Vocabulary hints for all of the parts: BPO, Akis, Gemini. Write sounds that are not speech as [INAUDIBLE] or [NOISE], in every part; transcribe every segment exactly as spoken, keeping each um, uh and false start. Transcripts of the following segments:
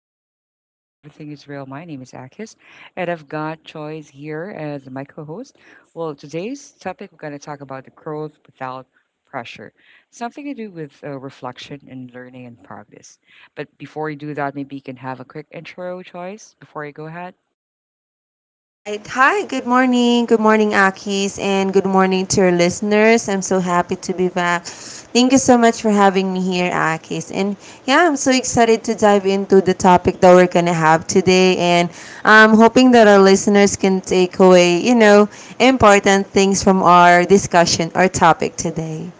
vibe stay smooth, and everything is real. My name is Akis, and I've got Choice here as my co-host. Well, today's topic, we're going to talk about the growth without pressure, something to do with uh, reflection and learning and progress. But before we do that, maybe you can have a quick intro, Choice, before you go ahead. All right. Hi, good morning. Good morning, Akis, and good morning to your listeners. I'm so happy to be back. Thank you so much for having me here, Akis. And yeah, I'm so excited to dive into the topic that we're going to have today. And I'm hoping that our listeners can take away, you know, important things from our discussion, our topic today.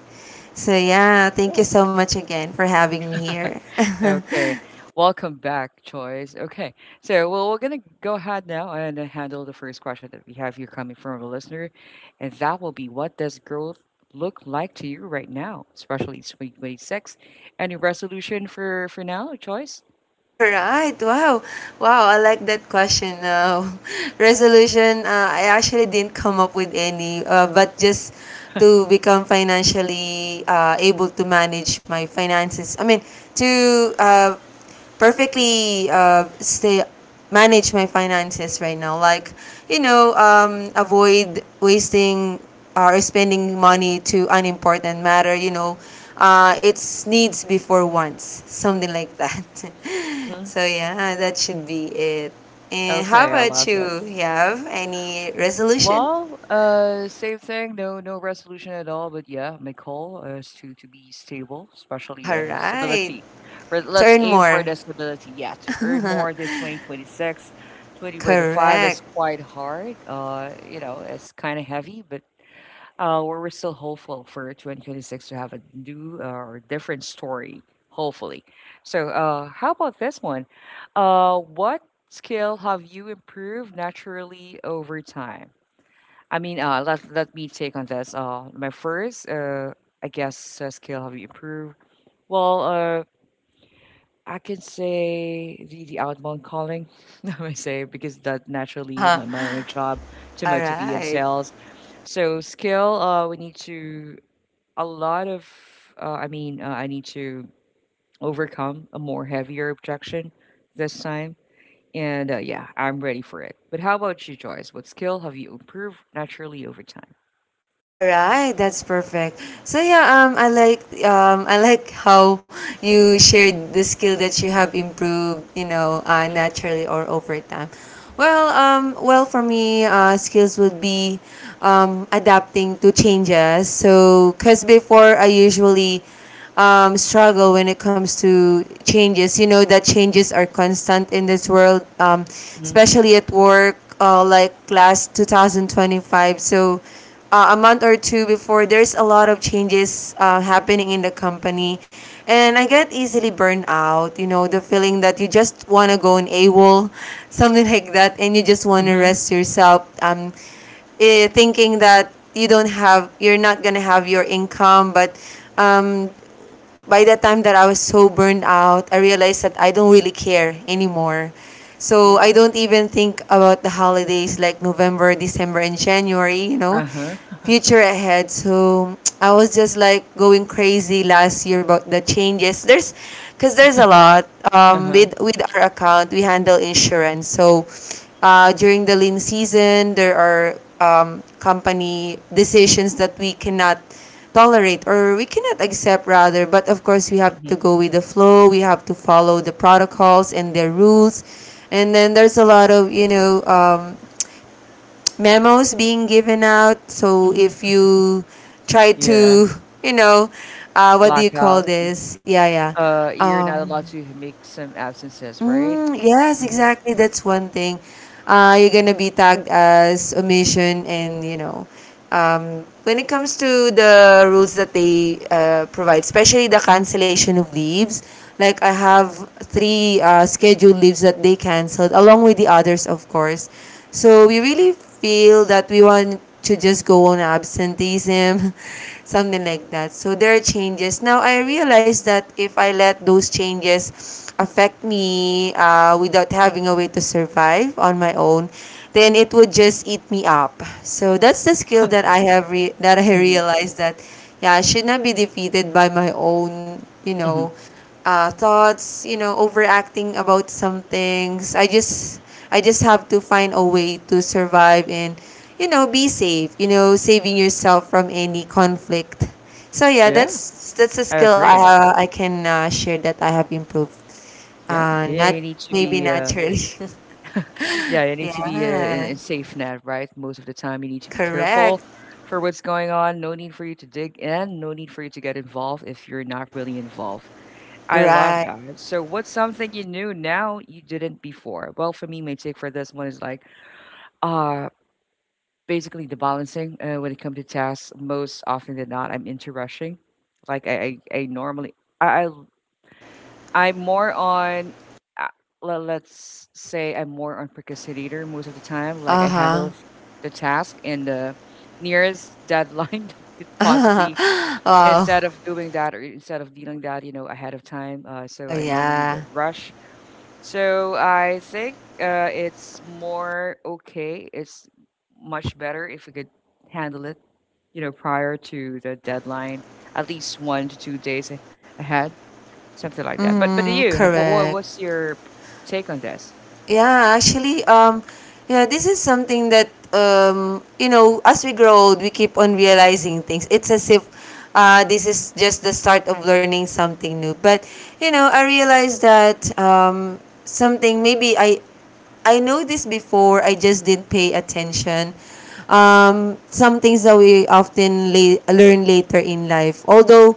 So yeah, thank you so much again for having me here. Okay, [LAUGHS] welcome back, Choice. Okay, so well, we're gonna go ahead now and uh, handle the first question that we have here coming from a listener, and that will be, what does growth look like to you right now, especially twenty twenty six? Any resolution for for now, Choice? Alright, wow. Wow, I like that question. Uh, [LAUGHS] resolution, uh, I actually didn't come up with any, uh, but just to become financially uh, able to manage my finances. I mean, to uh, perfectly uh, stay manage my finances right now, like, you know, um, avoid wasting are spending money to unimportant matter, you know, uh, it's needs before wants, [LAUGHS] something like that. [LAUGHS] Mm-hmm. So yeah, that should be it. And how Okay, I about love that. you? You have any resolution? Well, uh, same thing. No, no resolution at all. But yeah, my goal is to to be stable, especially All uh, right, stability. Re- Let's turn aim for more. the stability. Yeah, to earn more this twenty twenty six, twenty twenty five is Correct. quite hard. Uh, you know, it's kind of heavy, but uh, we're, we're still hopeful for two thousand twenty six to have a new uh, or different story, hopefully. So, uh, how about this one? Uh, what skill have you improved naturally over time? I mean, uh, let let me take on this. Uh, my first, uh, I guess, uh, skill have you improved? Well, uh, I can say the the outbound calling. [LAUGHS] I may say because that [LAUGHS] naturally All my my job to mo- to be in right. sales. So skill, uh, we need to a lot of. Uh, I mean, uh, I need to overcome a more heavier objection this time. And uh, yeah, I'm ready for it. But how about you, Joyce? What skill have you improved naturally over time? Alright, that's perfect. So yeah, um, I like um, I like how you shared the skill that you have improved, you know, uh, Mm-hmm. naturally or over time. Well, um, well for me, uh, skills would be um, adapting to changes. So, cause before I usually um, struggle when it comes to changes. You know that changes are constant in this world, um, especially at work, uh, like last twenty twenty-five. So uh, a month or two before there's a lot of changes uh, happening in the company, and I get easily burned out. You know, the feeling that you just want to go on AWOL, [LAUGHS] something like that, and you just want to Mm-hmm. rest yourself. Um, eh, thinking that you don't have you're not gonna have your income. But um, by the time that I was so burned out, I realized that I don't really care anymore. So Mhm. I don't even think about the holidays like November, December, and January, you know, Uh-huh. [LAUGHS] future ahead. So I was just like going crazy last year about the changes. There's, because there's a lot. Um, Uh-huh. with, with our account, we handle insurance. So uh, during the lean season, there are um, company decisions that we cannot tolerate, or we cannot accept rather. But of course we have to Mhm. go with the flow, we have to follow the protocols and their rules, and then there's a lot of, you know, um, memos being given out. So if Mhm. you try Yeah. to, you know, uh, what do you call Blackout. Mhm. this, yeah, yeah Uh, you're not um, allowed to make some absences, right? Mm, yes, Mhm. exactly. That's one thing. Uh, you're gonna be tagged as omission, and you know, um, when it comes to the rules that they uh, provide, especially the cancellation of leaves. Like I have three uh, scheduled leaves that they canceled, along with the others, of course. So we really feel that we want to just go on absenteeism, [LAUGHS] something like that. So there are changes. Now I realize that if I let those changes affect me uh, without having a way to survive on my own, then it would just eat me up. So that's the skill that I have re- that I [LAUGHS] Mhm. realized that yeah, I should not be defeated by my own, you know, Mhm. uh, thoughts, you know, overacting about some things. I just I just have to find a way to survive and, you know, be safe. You know, saving yourself from any conflict. So yeah, Yeah, that's that's a I skill I agree. uh, I can uh, share that I have improved. Yeah. Uh, Yeah, not you need to maybe be uh naturally. Yeah, you [LAUGHS] need to be uh, in, Yeah, in safe net, right? Most of the time you need to be correct. careful for what's going on. No need for you to dig in, no need for you to get involved if you're not really involved. I love Right. that. So what's something you knew now you didn't before? Well, for me, my take for this one is like, ah, Basically, the balancing uh, when it comes to tasks, most often than not, I'm into rushing. Like I, I, I normally, I, I, I'm more on, uh, le- let's say I'm more on procrastinator most of the time. Like Uh I huh. handle the task in the nearest deadline [LAUGHS] that could [LAUGHS] possibly, Wow. instead of doing that or instead of dealing that, you know, ahead of time. Uh, Oh so I normally the yeah. rush. So I think uh, it's more okay. It's much better if we could handle it, you know, prior to the deadline, at least one to two days a ahead, something like that. But but to Mm, you, what what correct. what's your p take on this? Yeah, actually, um, yeah, this is something that um, you know, as we grow old, we keep on realizing things. It's as if uh, this is just the start of learning something new. But you know, I realized that um, something maybe I I know this before. I just didn't pay attention. Um, some things that we often la- learn later in life. Although,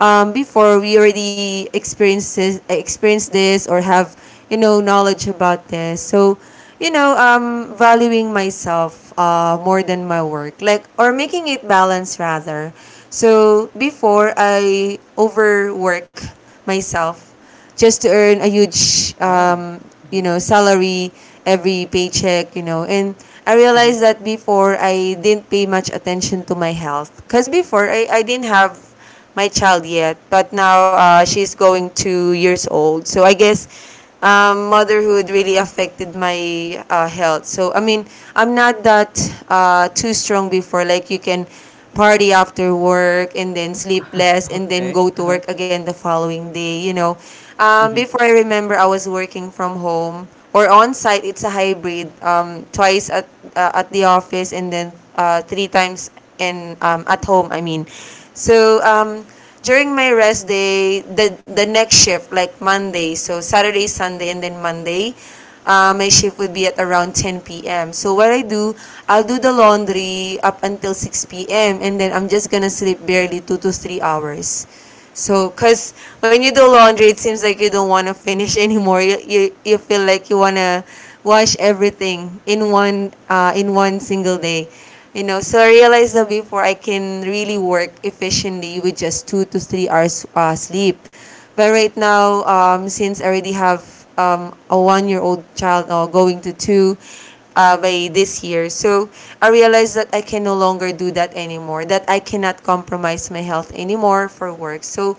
um, before we already experienced this, experienced this or have, you know, knowledge about this. So, you know, um, valuing myself uh, more than my work, like, or making it balance rather. So before I overwork myself just to earn a huge Oh. um, you Mhm. know, salary every paycheck, you know. And I Mhm. realized that before I didn't pay much attention to my health, because before I, I didn't have my child yet. But now uh, she's going two years old, so I guess um, motherhood really affected my uh, health. So I mean, I'm not that uh, too strong before. Like you can party after work and then sleep less and then Okay. go to Uh-huh. work again the following day. You know, um, Mhm. before I remember, I was working from home or on site. It's a hybrid. Um, twice at uh, at the office, and then uh, three times in um, at home. I mean, so um, during my rest day, the the next shift, like Monday, so Saturday, Sunday, and then Monday, uh, my shift would be at around ten p m. So what I do, I'll do the laundry up until six p m and then I'm just gonna sleep barely two to three hours. So, cause when you do laundry, it seems like you don't want to finish [LAUGHS] anymore. You, you you feel like you wanna wash everything in one uh, in one single day. You know, Mhm. so I realized that before I can really work efficiently with just two to three hours uh, sleep. But Mhm. right now, um, since I already have um, a one year old child uh, going to two, uh, by this year. So I realized that I can no longer do that anymore, that I cannot compromise my health anymore for work. So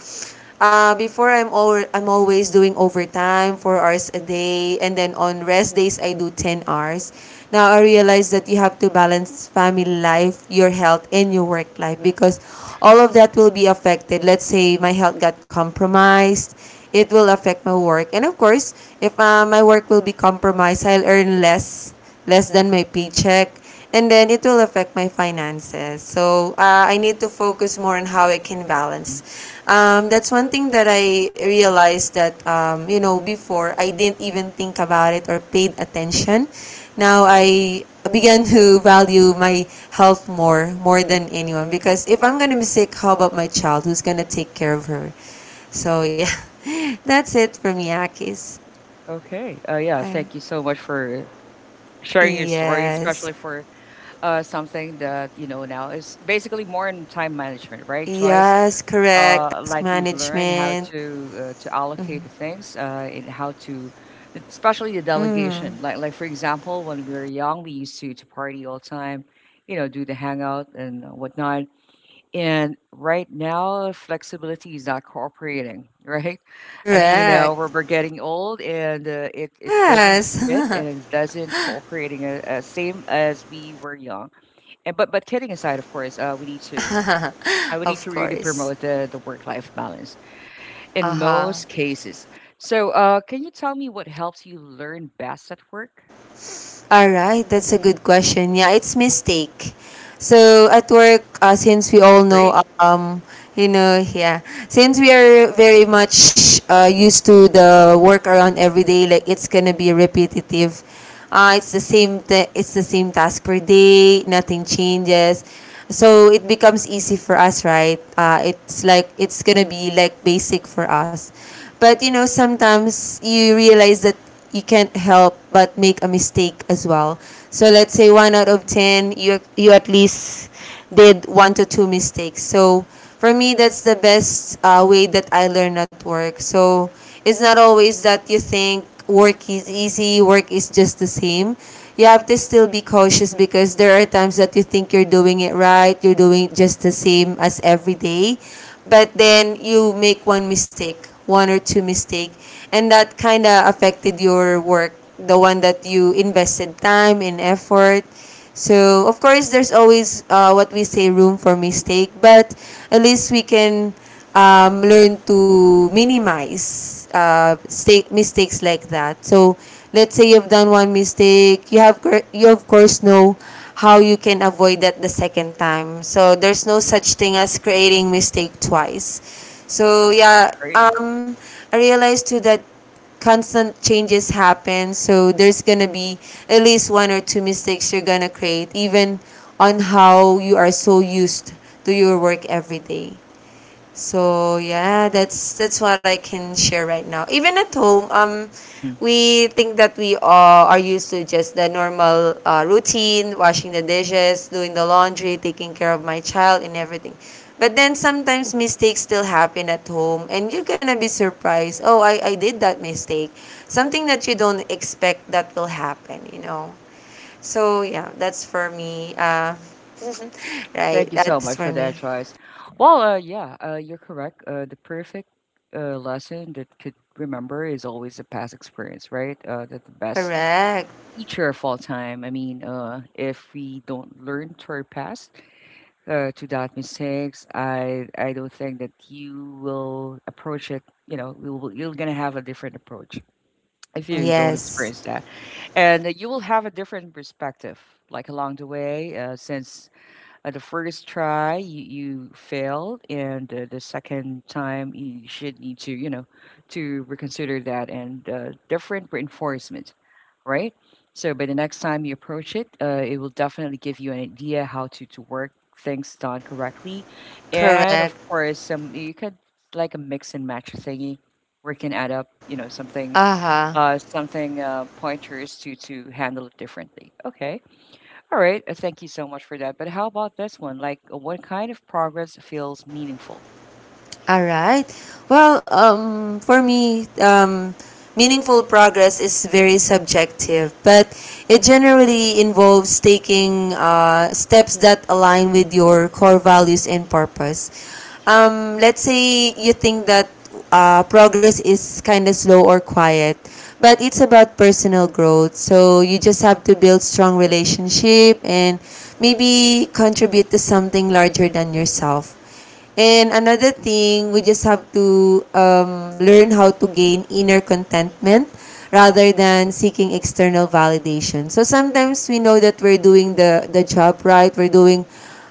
uh, before I'm all, I'm always doing overtime four hours a day, and then on rest days I do ten hours. Now I realize that you have to balance family life, your health, and your work life, because all of that will be affected. Let's say my health got compromised, it will affect my work, and of course, if uh, my work will be compromised, I'll earn less less than my paycheck, and then it will affect my finances. So uh, I need to focus more on how I can balance. Mhm. um, that's one thing that I realized that um, you know, before I didn't even think about it or paid attention. Now I began to value my health more, more than anyone, because if I'm going to be sick, how about my child? Who's going to take care of her? So yeah, [LAUGHS] that's it from Yakis. Okay, uh, yeah, All right. thank you so much for sharing your story, Yes. especially for, uh, something that, you know, now is basically more in time management, right, Joyce? Yes, correct. Uh, Task like we've learned how management. to uh, to allocate the things uh, and how to, especially the Mm, delegation. Like like for example, when we were young, we used to to party all the time, you know, do the hangout and whatnot. And right now, flexibility is not cooperating, [LAUGHS] right? I mean, uh, correct. we're, we're getting old, and uh, it it doesn't Yes. fit, and it doesn't cooperating uh, uh, same as we were young. And but but kidding aside, of course, uh, we need to, I [LAUGHS] would need to Of really course. promote the the work life balance in Uh-huh. most cases. So, uh, can you tell me what helps you learn best at work? All right, that's a good question. Yeah, it's mistake. So at work, uh, since we all know, Agree. um, you know, yeah, since we are very much uh, used to the work around every day, like it's gonna be repetitive. Uh, it's the same. Th- it's the same task per day. Nothing changes. So it becomes easy for us, right? Uh, it's like it's gonna be like basic for us. But you know, sometimes you realize that you can't help but make a mistake as well. So let's say one out of ten, you you at least did one to two mistakes. So for me, that's the best uh, way that I learn at work. So it's not always that you think work is easy, work is just the same. You have to still be cautious because there are times that you think you're doing it right, you're doing it just the same as every day, but then you make one mistake, one or two mistake, and that kind of affected your work, the one that you invested time and effort. So of course, there's always uh, what we say room for mistake, but at least we can um, learn to minimize uh, sta- mistakes like that. So let's say you've done one mistake, you have cor- you of course know how you can avoid that the second time. So there's no Hmm. such thing as creating mistake twice. So yeah, Great. um, I realized too that constant changes happen. So there's gonna be at least one or two mistakes you're gonna create, even on how you are so used to your work every day. So yeah, that's that's what I can share right now. Even at home, um, Hmm. we think that we all are used to just the normal uh, routine, washing the dishes, doing the laundry, taking care of my child, and everything. But then sometimes mistakes still happen at home, and you're gonna be surprised. Oh, I, I did that mistake, something that you don't expect that will happen. You know. So yeah, that's for me. Uh, [LAUGHS] right, Thank you so that's much for for me. that, choice. Well, uh, yeah, uh, you're correct. Uh, the perfect uh, lesson that could remember is always a past experience, right? Uh, that the best Correct. teacher of all time. I mean, uh, if we don't learn to our past, uh, to that mistakes, I I don't think that you will approach it. You know, we will, you're gonna have a different approach if Mm, you don't yes, experience that. And uh, you will have a different perspective like along the way, uh, since uh, the first try you, you failed, and uh, the second time you should need to, you know, to reconsider that, and uh, different reinforcement, right? So by the next time you approach it, uh, it will definitely give you an idea how to, to work things done correctly. And of correct. course, some you could, like a mix and match thingy, where it can add up, you know, something, Uh huh. uh, something uh, pointers to to handle it differently. Okay, all right. uh, Thank you so much for that. But how about this one? Like, uh, what kind of progress feels meaningful? All right. Well, um, for me, um, meaningful progress is very subjective, but it generally involves taking uh, steps that align with your core values and purpose. Um, let's say you think that uh, progress is kind of slow or quiet, but it's about personal growth. So you just have to build strong relationship and maybe contribute to something larger than yourself, and another thing, we just have to um, learn how to gain inner contentment rather than seeking external validation. So sometimes we know that we're doing the, the job right, we're doing,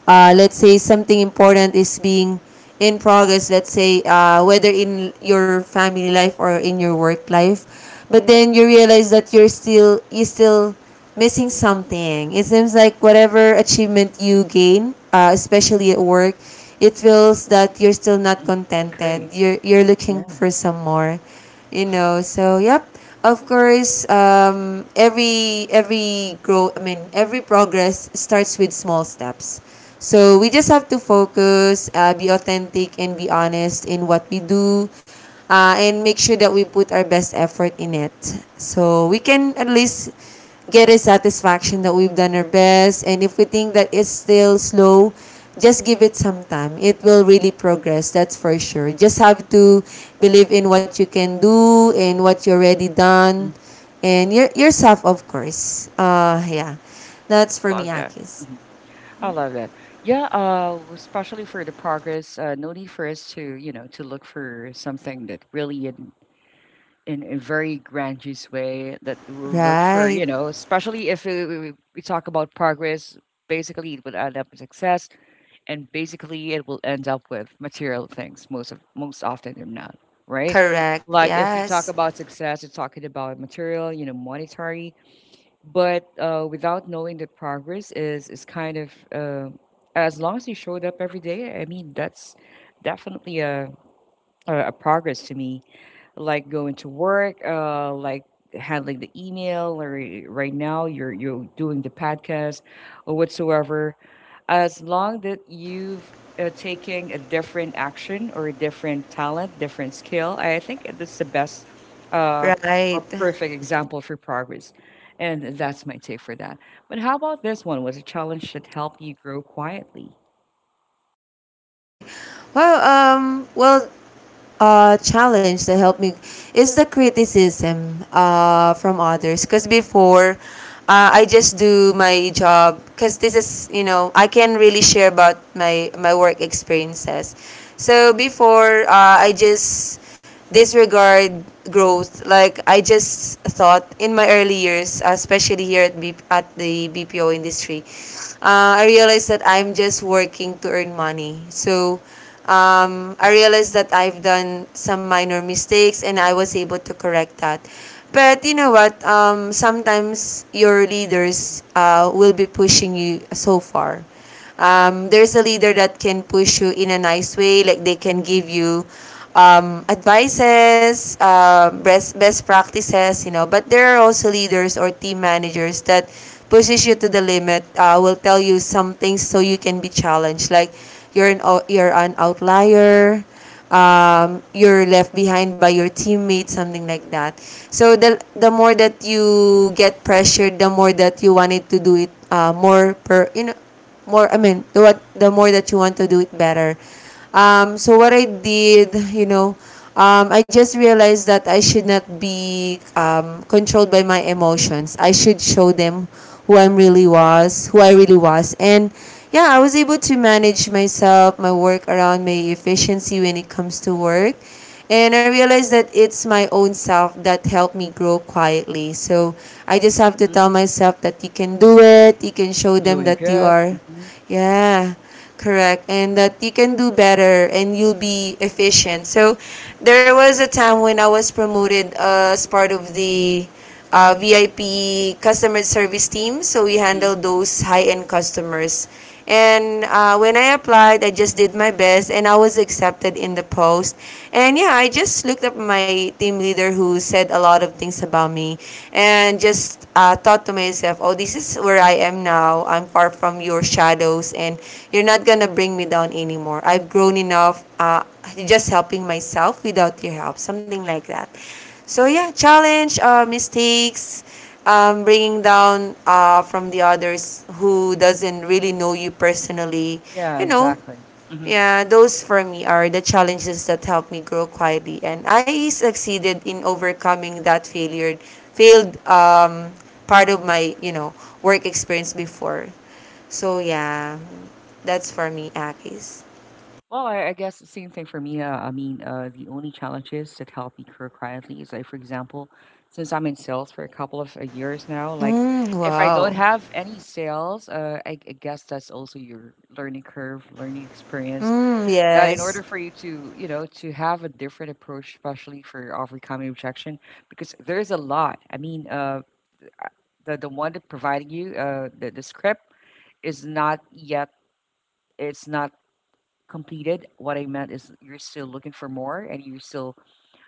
uh, let's say, something important is being in progress, let's say, uh, whether in your family life or in your work life. But then you realize that you're still, you still missing something. It seems like whatever achievement you gain, uh, especially at work, it feels that you're still not Mm-hmm. contented. Great. You're you're Yeah. looking for some more, you know. So yep, of course, um, every every grow. I mean, every progress starts with small steps. So we just have to focus, uh, be authentic, and be honest in what we do, uh, and make sure that we put our best effort in it. So we can at least get a satisfaction that we've done our best. And if we think that it's still slow, just give it some time. It will really progress, that's for sure. Just have to believe in what you can do and what you already Mm-hmm. done. And your, yourself, of course. Uh, yeah. That's I for me, love that. Akis. Mhm. I love that. Yeah, uh, especially for the progress, uh, no need for us to, you know, to look for something that really in, in a very grandiose way that we'll look for, Right. you know, especially if uh, we, we, we talk about progress, basically it would add up to success, and basically it will end up with material things most of most often than not, right? Correct. Like if you Yes. talk about success, you're talking about material, you know, monetary. But uh, without knowing, the progress is is kind of uh, as long as you showed up every day, I mean that's definitely a, a, a progress to me. Like going to work, uh, like handling the email, or right now you're you're doing the podcast or whatsoever. As long that you've uh, taking a different action or a different talent, different skill, I think that's the best uh, Right. or perfect example for progress. And that's my take for that. But how about this one? Was a challenge that helped you grow quietly? Hey. well Um. Well, uh, challenge that helped me is the criticism uh, from others. Because before, uh, I just do my job. Because this is, you know, I can really share about my my work experiences. So before, uh, I just disregard growth. Like I just thought in my early years, especially here at B- at the B P O industry, uh, I realized that I'm just working to earn money. So um, Hmm. I realized that I've done some minor mistakes and I was able to correct that. But you know what? Um, sometimes your leaders uh, will be pushing you so far. Um, there's a leader that can push you in a nice way, like they can give you um, advices uh, best best practices, you know, but there are also leaders or team managers that pushes you to the limit, uh, will tell you some things so you can be challenged, like you're an ou- you're an outlier, um, you're left behind by your teammates, something like that. So the the more that you get pressured, the more that you wanted to do it, uh, more per you know more I mean the what the more that you want to do it better. Um, so what I did, you know, um, I just realized that I should not be um, controlled by my emotions. I should show them who i really was who I really was, and yeah, I was able to manage myself, my work around, my efficiency when it comes to work. And I realized that it's my own self that helped me grow quietly. So I just have to Hmm. tell myself that you can do it. You can show You're them doing that you good. are, Hmm. yeah, correct. And that you can do better and you'll be efficient. So there was a time when I was promoted as part of the uh, V I P customer service team. So we Hmm. handle those high-end customers. And uh, when I applied, I just did my best, and I was accepted in the post. And yeah, I just looked up my team leader who said a lot of things about me, and just uh, thought to myself, "Oh, this is where I am now. I'm far from your shadows, and you're not gonna bring me down anymore. I've grown enough. Uh, just helping myself without your help, something like that." So yeah, challenge, uh, mistakes, um, bringing down uh, from the others who doesn't really know you personally. Yeah, You know, exactly. Hmm. yeah, those for me are the challenges that help me grow quietly, and I succeeded in overcoming that failure, failed um, part of my, you know, work experience before. So yeah, that's for me, Akis. Well, I, I guess the same thing for me. Uh, I mean, uh, the only challenges that help me grow quietly is like, for example, since I'm in sales for a couple of uh, years now, like Mm, if I don't wow. have any sales, uh, I, I guess that's also your learning curve, learning experience. Mm, That in order yes. for you to, you know, to have a different approach, especially for overcoming objection, because there's a lot. I mean, uh, the the one that providing you uh, the the script is not yet. It's not completed. What I meant is you're still looking for more, and you still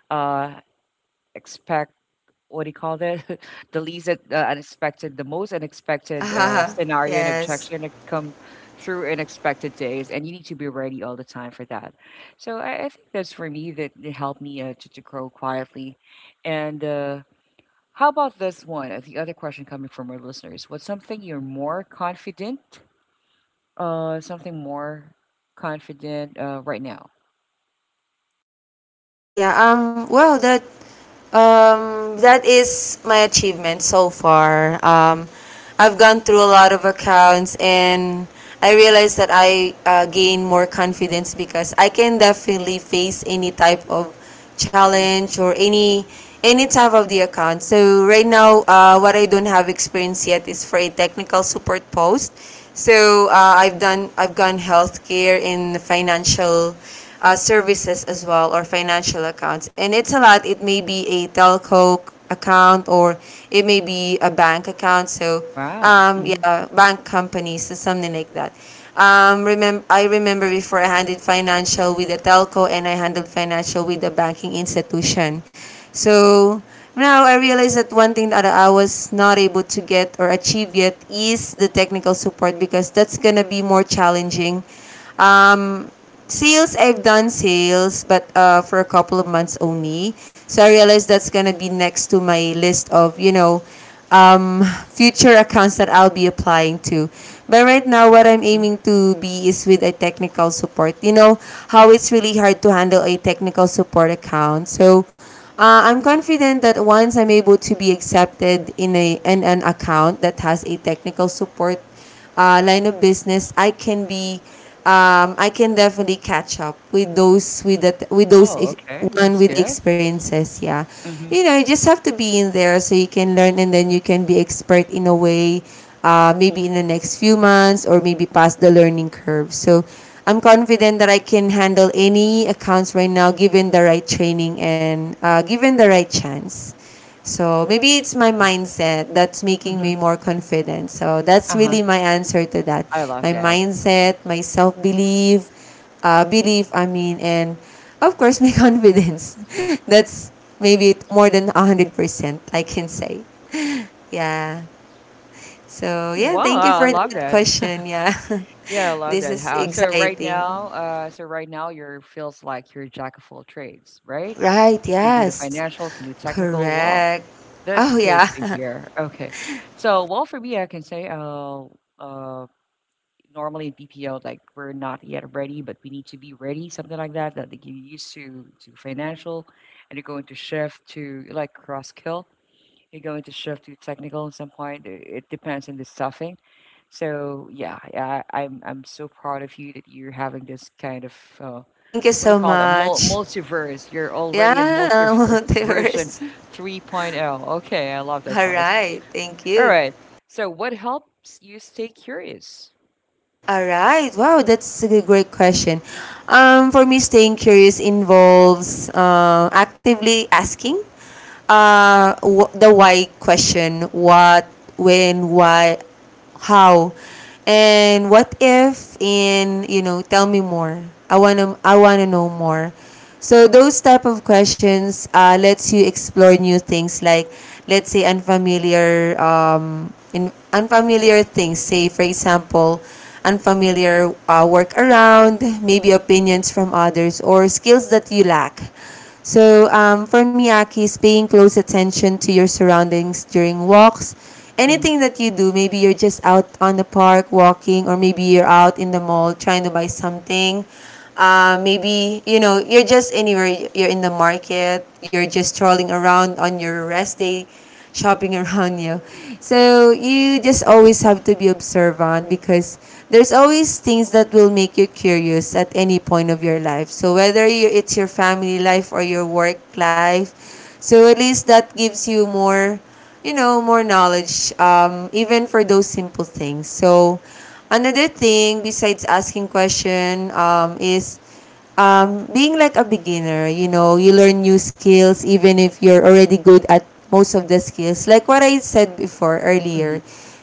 uh expect, what do you call that? [LAUGHS] The least uh, unexpected, the most unexpected uh, [LAUGHS] scenario and Yes. objection to come through in expected days, and you need to be ready all the time for that. So I, I think that's for me that it helped me uh, to, to grow quietly. And uh, how about this one? Uh, The other question coming from our listeners: what's something you're more confident? Uh, something more confident uh, right now. Yeah, um, well, that um, that is my achievement so far. Um, I've gone through a lot of accounts, and I realized that I uh, gain more confidence because I can definitely face any type of Mm-hmm. challenge or any any type of the account. So right now, uh, what I don't have experience yet is for a technical support post. So uh, I've done I've gone healthcare in financial uh, services as well, or financial accounts. And it's a lot. It may be a telco account, or it may be a bank account. So, Wow. um, Mhm. yeah, bank companies, so something like that. Um, remember, I remember before I handled financial with a telco and I handled financial with a banking institution. So now I realize that one thing that I was not able to get or achieve yet is the technical support, because that's gonna be more challenging. Sales, I've done sales, but uh for a couple of months only. So I realized that's gonna be next to my list of, you know, um future accounts that I'll be applying to. But right now what I'm Mhm. aiming to be is with a technical support. You know how it's really hard to handle a technical support account. So Mhm. uh, I'm confident that once I'm able to be accepted in a in an account that has a technical support uh, line of business, I can be, um, I can definitely catch up with those with that with those Oh, ex- okay. That one was with the good. experiences. Yeah, Mhm. you know, you just have to be in there so you can learn, and then you can be expert in a way. Uh, maybe in the next few months, or maybe past the learning curve. So, I'm confident that I can handle any accounts right now, given the right training and uh, given the right chance. So maybe it's my Okay. mindset that's making me Mhm. more confident. So that's really Uh-huh. my answer to that. I love My that. mindset, my self belief, uh, belief, I mean, and of course, my [LAUGHS] confidence. That's maybe more than one hundred percent, I can say. Yeah. So, Mhm. yeah, Wow, thank you I for love that that. question. Yeah. [LAUGHS] Yeah, I love This that. is How so right exciting. now, uh, so right now you're feels like you're a jack of all trades, right? Right. You can do the Yes. financial, can do technical. Wow, Correct. Oh, that's good to yeah. [LAUGHS] hear. Okay. So, well, for me, I can say, uh, uh, normally in B P O, like we're not yet ready, but we need to be ready, something like that. That they get used to to financial, and you're going to shift to like cross kill. You're going to shift to technical at some point. It it depends on the stuffing. So yeah, I, I'm I'm so proud of you that you're having this kind of uh, Thank you what do you so call it? A mul- much. multiverse. You're already in Yeah, [LAUGHS] multiverse [LAUGHS] version multiverse. 3.0. point oh. Okay, I love that, All choice. right, thank All you. right. So what helps you stay curious? All right, wow, that's a good- great question. Um, for me, staying curious involves uh, actively asking uh, wh- the why question: what, when, why, how, and what if? In You know, tell me more. I wanna, I wanna know more. So those type of questions uh, lets you explore new things, like let's say unfamiliar, um, in unfamiliar things. Say for example, unfamiliar uh, work around, maybe opinions from others or skills that you lack. So um, for me, Aki, is paying close attention to your surroundings during walks. Mm-hmm. Anything that you do, maybe you're just out on the park walking, or maybe you're out in the mall trying to buy something, uh, maybe, you know, you're just anywhere, you're in the market, you're just strolling around on your rest day, shopping [LAUGHS] around you. So you just always have to be observant because there's always things that will make you curious at any point of your life. So whether you, it's your family life or your work life, so at least that gives you more, you know, more knowledge, um, even for those simple things. So, another thing besides asking question, um, is um, being like a beginner. You know, you learn new skills even if you're already good at most of the skills. Like what I said before Mm-hmm. earlier,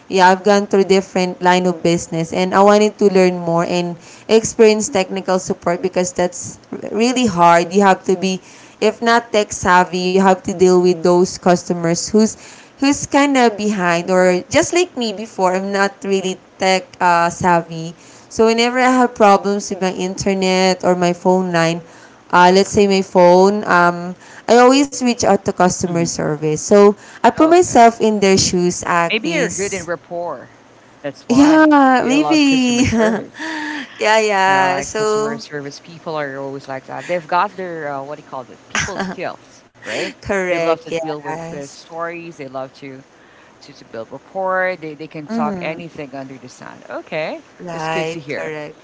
yeah, I've gone through different line of business and I wanted to learn more and experience technical support because that's really hard. You have to be, if not tech savvy, you have to deal with those customers who's who's kind of behind, or just like me before, I'm not really tech uh, savvy. So whenever I have problems with my internet or my phone line, uh, let's say my phone, um, I always reach out to customer service. So I put Okay. myself in their shoes, Maybe you're good in Akis. rapport. That's why Yeah, you love maybe. customer service. [LAUGHS] yeah, You know, yeah. like customer So service people are always like that. They've got their, uh, what do you call it, people skills, right? They correct. love to deal with the Yes. stories. They love to, to, to build rapport. They, they can talk anything under the sun. Okay. That's good Right. to hear. Correct.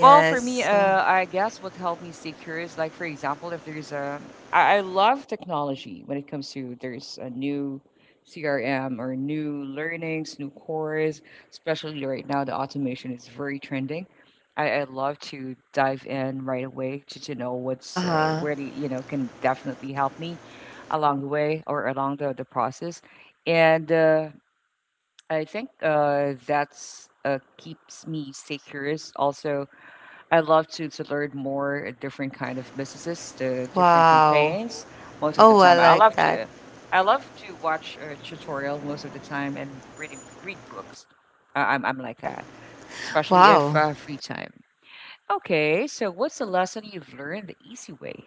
Well, for me, uh, I guess what helped me stay curious, like for example, if there's a, I, I love technology when it comes to there's a new C R M or new learnings, new course, especially right now the automation is very trending. I, I love to dive in right away to, to know Uh what's uh, huh. really, you know, can definitely help me along the way or along the, the process. And uh, I think uh, that's uh, keeps me stay curious also I love to to learn more different kind of businesses, the different Wow. campaigns. Most of the Oh, I time, I like love that. to I love to watch a tutorial most of the time and read read books. I, I'm I'm like Alri- that, especially if Wow. uh, free time. Okay, so what's the lesson you've learned the easy way?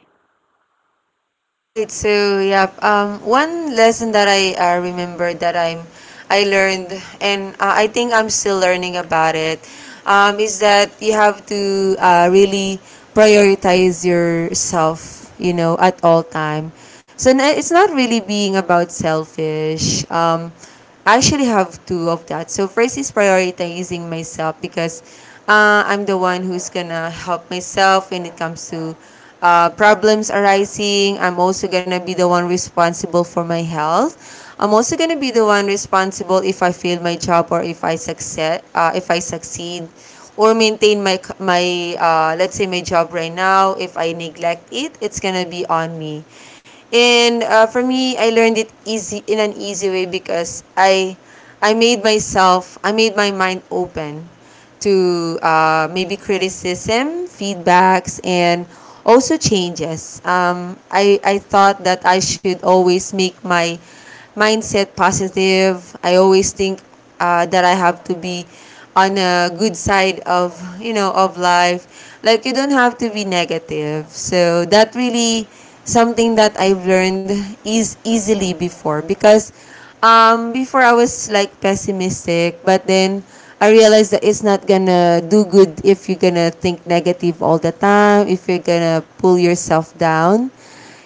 Right. So yeah, um, one lesson that I uh, remember that I'm I learned, and uh, I think I'm still learning about it, um, is that you have to uh, really prioritize yourself, you know, at all time. So n- it's not really being about selfish. Um, I actually have two of that. So first is prioritizing myself because uh, I'm the one who's gonna help myself when it comes to uh, problems arising. I'm also gonna be the one responsible for my health. I'm also gonna be the one responsible if I fail my job or if I succeed, uh, if I succeed, or maintain my c- my uh, let's say my job right now. If I neglect it, it's gonna be on me. And uh, for me, I learned it easy in an easy way because I I made myself I made my mind open to uh, maybe criticism, feedbacks, and also changes. Um, I I thought that I should always make my mindset positive. I always think uh, that I have to be on a good side of you know of life. Like you don't have to be negative. So that really something that I've learned is easily before because um, before I was like pessimistic, but then I realized that it's not gonna do good if you're gonna think negative all the time, if you're gonna pull yourself down.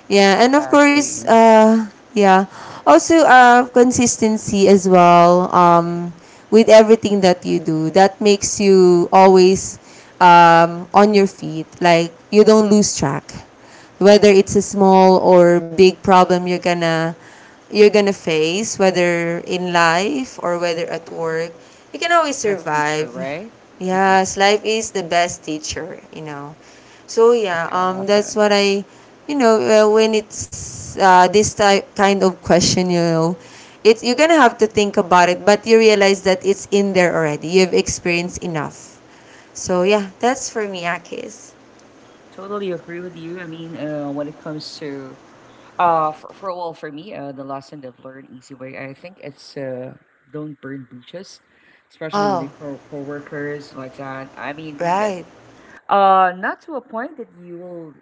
Yeah, and of course, Exactly. uh, yeah, also uh, consistency as well. Um, with everything that you do, that makes you always um, on your feet. Like you don't lose track, whether it's a small or big problem you're gonna you're gonna face, whether in life or whether at Hmm. work. You can always Best survive. teacher, right? Hmm. Yes, life is the best teacher, you know. So yeah, Okay, I um, love that. that's what I, you know, uh, when it's uh, this type kind of question, you know, it's you're gonna have to think about it, but you realize that it's in there already. You've experienced enough. So yeah, that's for me, Akis. I totally agree with you. I mean, uh, when it comes to Uh, for, for well, for me, uh, the lesson that learned easy way, I think it's uh, don't burn bridges, especially with Oh, your co- coworkers like that. I mean, that, right. uh, not to a point that you will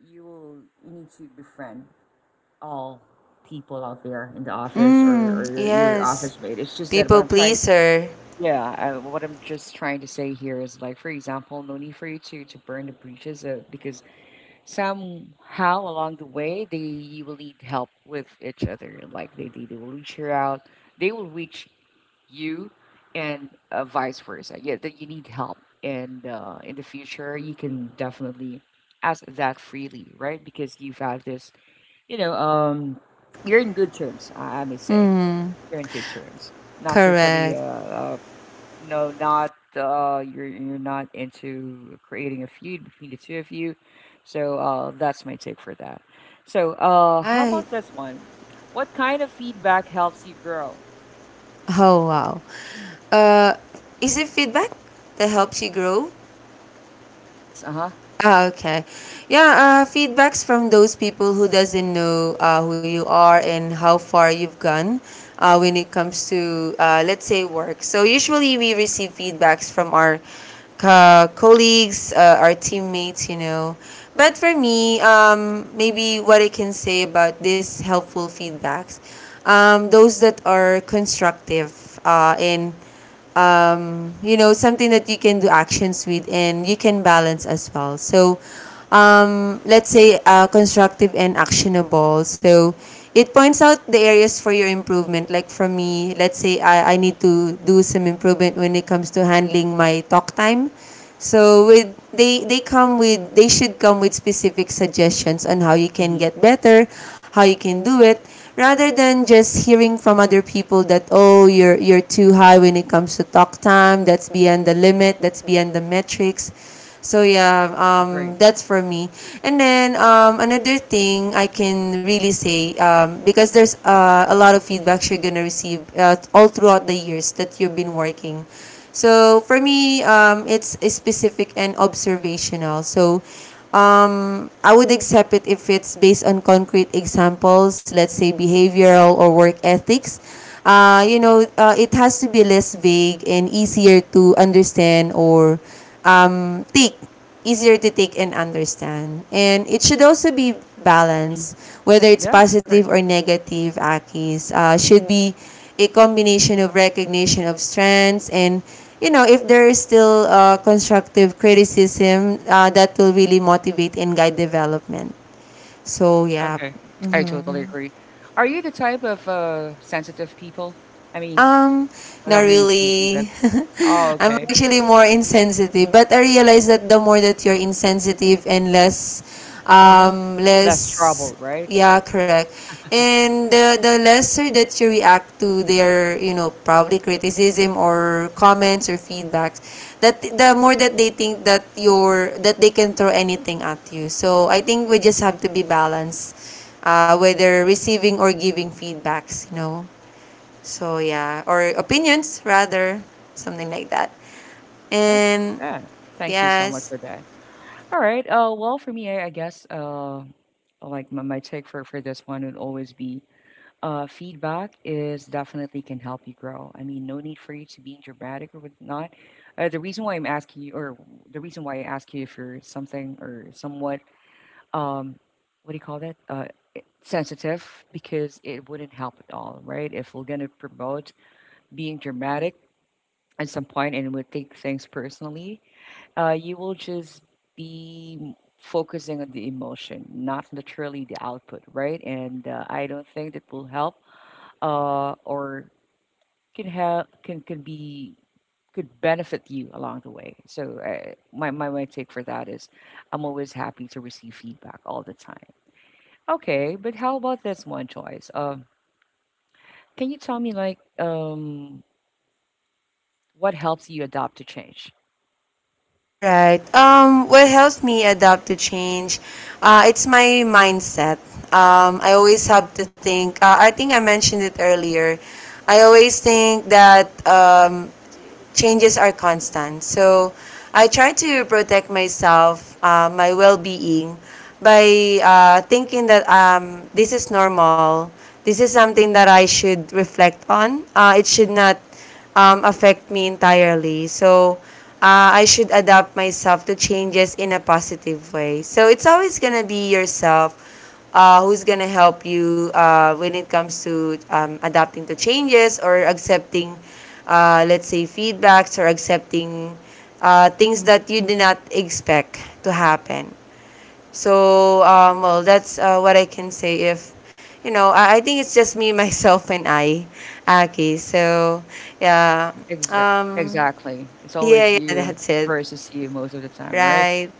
you will you need to befriend all people out there in the office or, or Mm, your, your yes. office mate. It's just that People what I'm trying, pleaser. yeah, uh, what I'm just trying to say here is like, for example, no need for you to to burn the bridges uh, because somehow along the way, they will need help with each other. Like they, they, they will reach her out, they will reach you, and uh, vice versa. Yeah, that you need help. And uh, In the future, you can definitely ask that freely, right? Because you've had this, you know, um, you're in good terms, I, I may say. Mm. You're in good terms. Not to try to uh, Correct. uh, no, not uh, you're you're not into creating a feud between the two of you. So uh, that's my take for that. So uh, how Right. about this one? What kind of feedback helps you grow? Oh wow. Uh, is it feedback that helps you grow? Yes. Uh huh. Ah, okay. Yeah, uh, feedbacks from those people who doesn't know uh, who you are and how far you've gone uh, when it comes to uh, let's say work. So usually we receive feedbacks from our co- colleagues, uh, our teammates, you know. But for me, um, maybe what I can say about these helpful feedbacks, um, those that are constructive uh, and um, you know, something that you can do actions with and you can balance as well. So um, let's say uh, constructive and actionable, so it points out the areas for your improvement. Like for me, let's say I, I need to do some improvement when it comes to handling my talk time. So with they they come with they should come with specific suggestions on how you can Mm-hmm. get better, how you can do it, rather than just hearing from other people that, oh, you're you're too high when it comes to talk time, that's beyond the limit, that's beyond the metrics. So Hmm. yeah, um, Agree. that's for me. And then um, another thing I can really say, um, because there's uh, a lot of feedbacks you're gonna receive uh, all throughout the years that you've been working. So for me, um, it's specific and observational. So um, I would accept it if it's based on concrete examples, let's say behavioral or work ethics. Uh, you know, uh, it has to be less vague and easier to understand, or um, take easier to take and understand. And it should also be Hmm. balanced, whether it's Yeah. Agree. positive or negative, Akis. Uh, should be a combination of recognition of strengths and, you know, if there is still uh, constructive criticism uh, that will really motivate and guide development. So yeah. Okay. I totally agree. Are you the type of uh, sensitive people? I mean, Um, Not whenever you receive feedback. really. Oh, [LAUGHS] I'm okay. actually more insensitive, but I realize that the more that you're insensitive and less, Mm-hmm. um, Less less, trouble, right? yeah, correct. And the, the lesser that you react to their, you know, probably criticism or comments or feedbacks, that the more that they think that you're, that they can throw anything at you. So I think we just have to be balanced, uh, whether receiving or giving feedbacks, you know. So yeah, or opinions rather, something like that. Okay. And Yeah. Thank you so much yes. for that. All right. Uh, well, for me, I, I guess uh, like my, my take for, for this one would always be uh, feedback is definitely can help you grow. I mean, no need for you to be dramatic or whatnot. Uh, the reason why I'm asking you, or the reason why I ask you if you're something or somewhat, um, what do you call that? Uh, sensitive, because it wouldn't help at all, right? If we're going to promote being dramatic at some point and would take things personally, uh, you will just be m- focusing on the emotion, not literally the output, right? And uh, I don't think that will help uh, or can help can can be could benefit you along the way. So uh, my, my my take for that is, I'm always happy to receive feedback all the time. Okay, but how about this one choice? Um, can you tell me like um, what helps you adapt to change? All right. Um, what helps me adapt to change? Uh, it's my mindset. Um, I always have to think. Uh, I think I mentioned it earlier. I always think that um, changes are constant. So I try to protect myself, uh, my well being, by uh, thinking that um, this is normal. This is something that I should reflect on. Uh, it should not um, affect me entirely. So uh, I should adapt myself to changes in a positive way. So it's always gonna be yourself uh, who's going to help you uh, when it comes to um, adapting to changes or accepting, uh, let's say, feedbacks or accepting uh, things that you did not expect to happen. So, um, well, that's uh, what I can say. If, you know, I, I think it's just me, [LAUGHS] myself, and I, Aki. So, yeah, Mhm. Exa- um, Exactly. It's always yeah, yeah, you that's it. versus you most of the time, right? Right,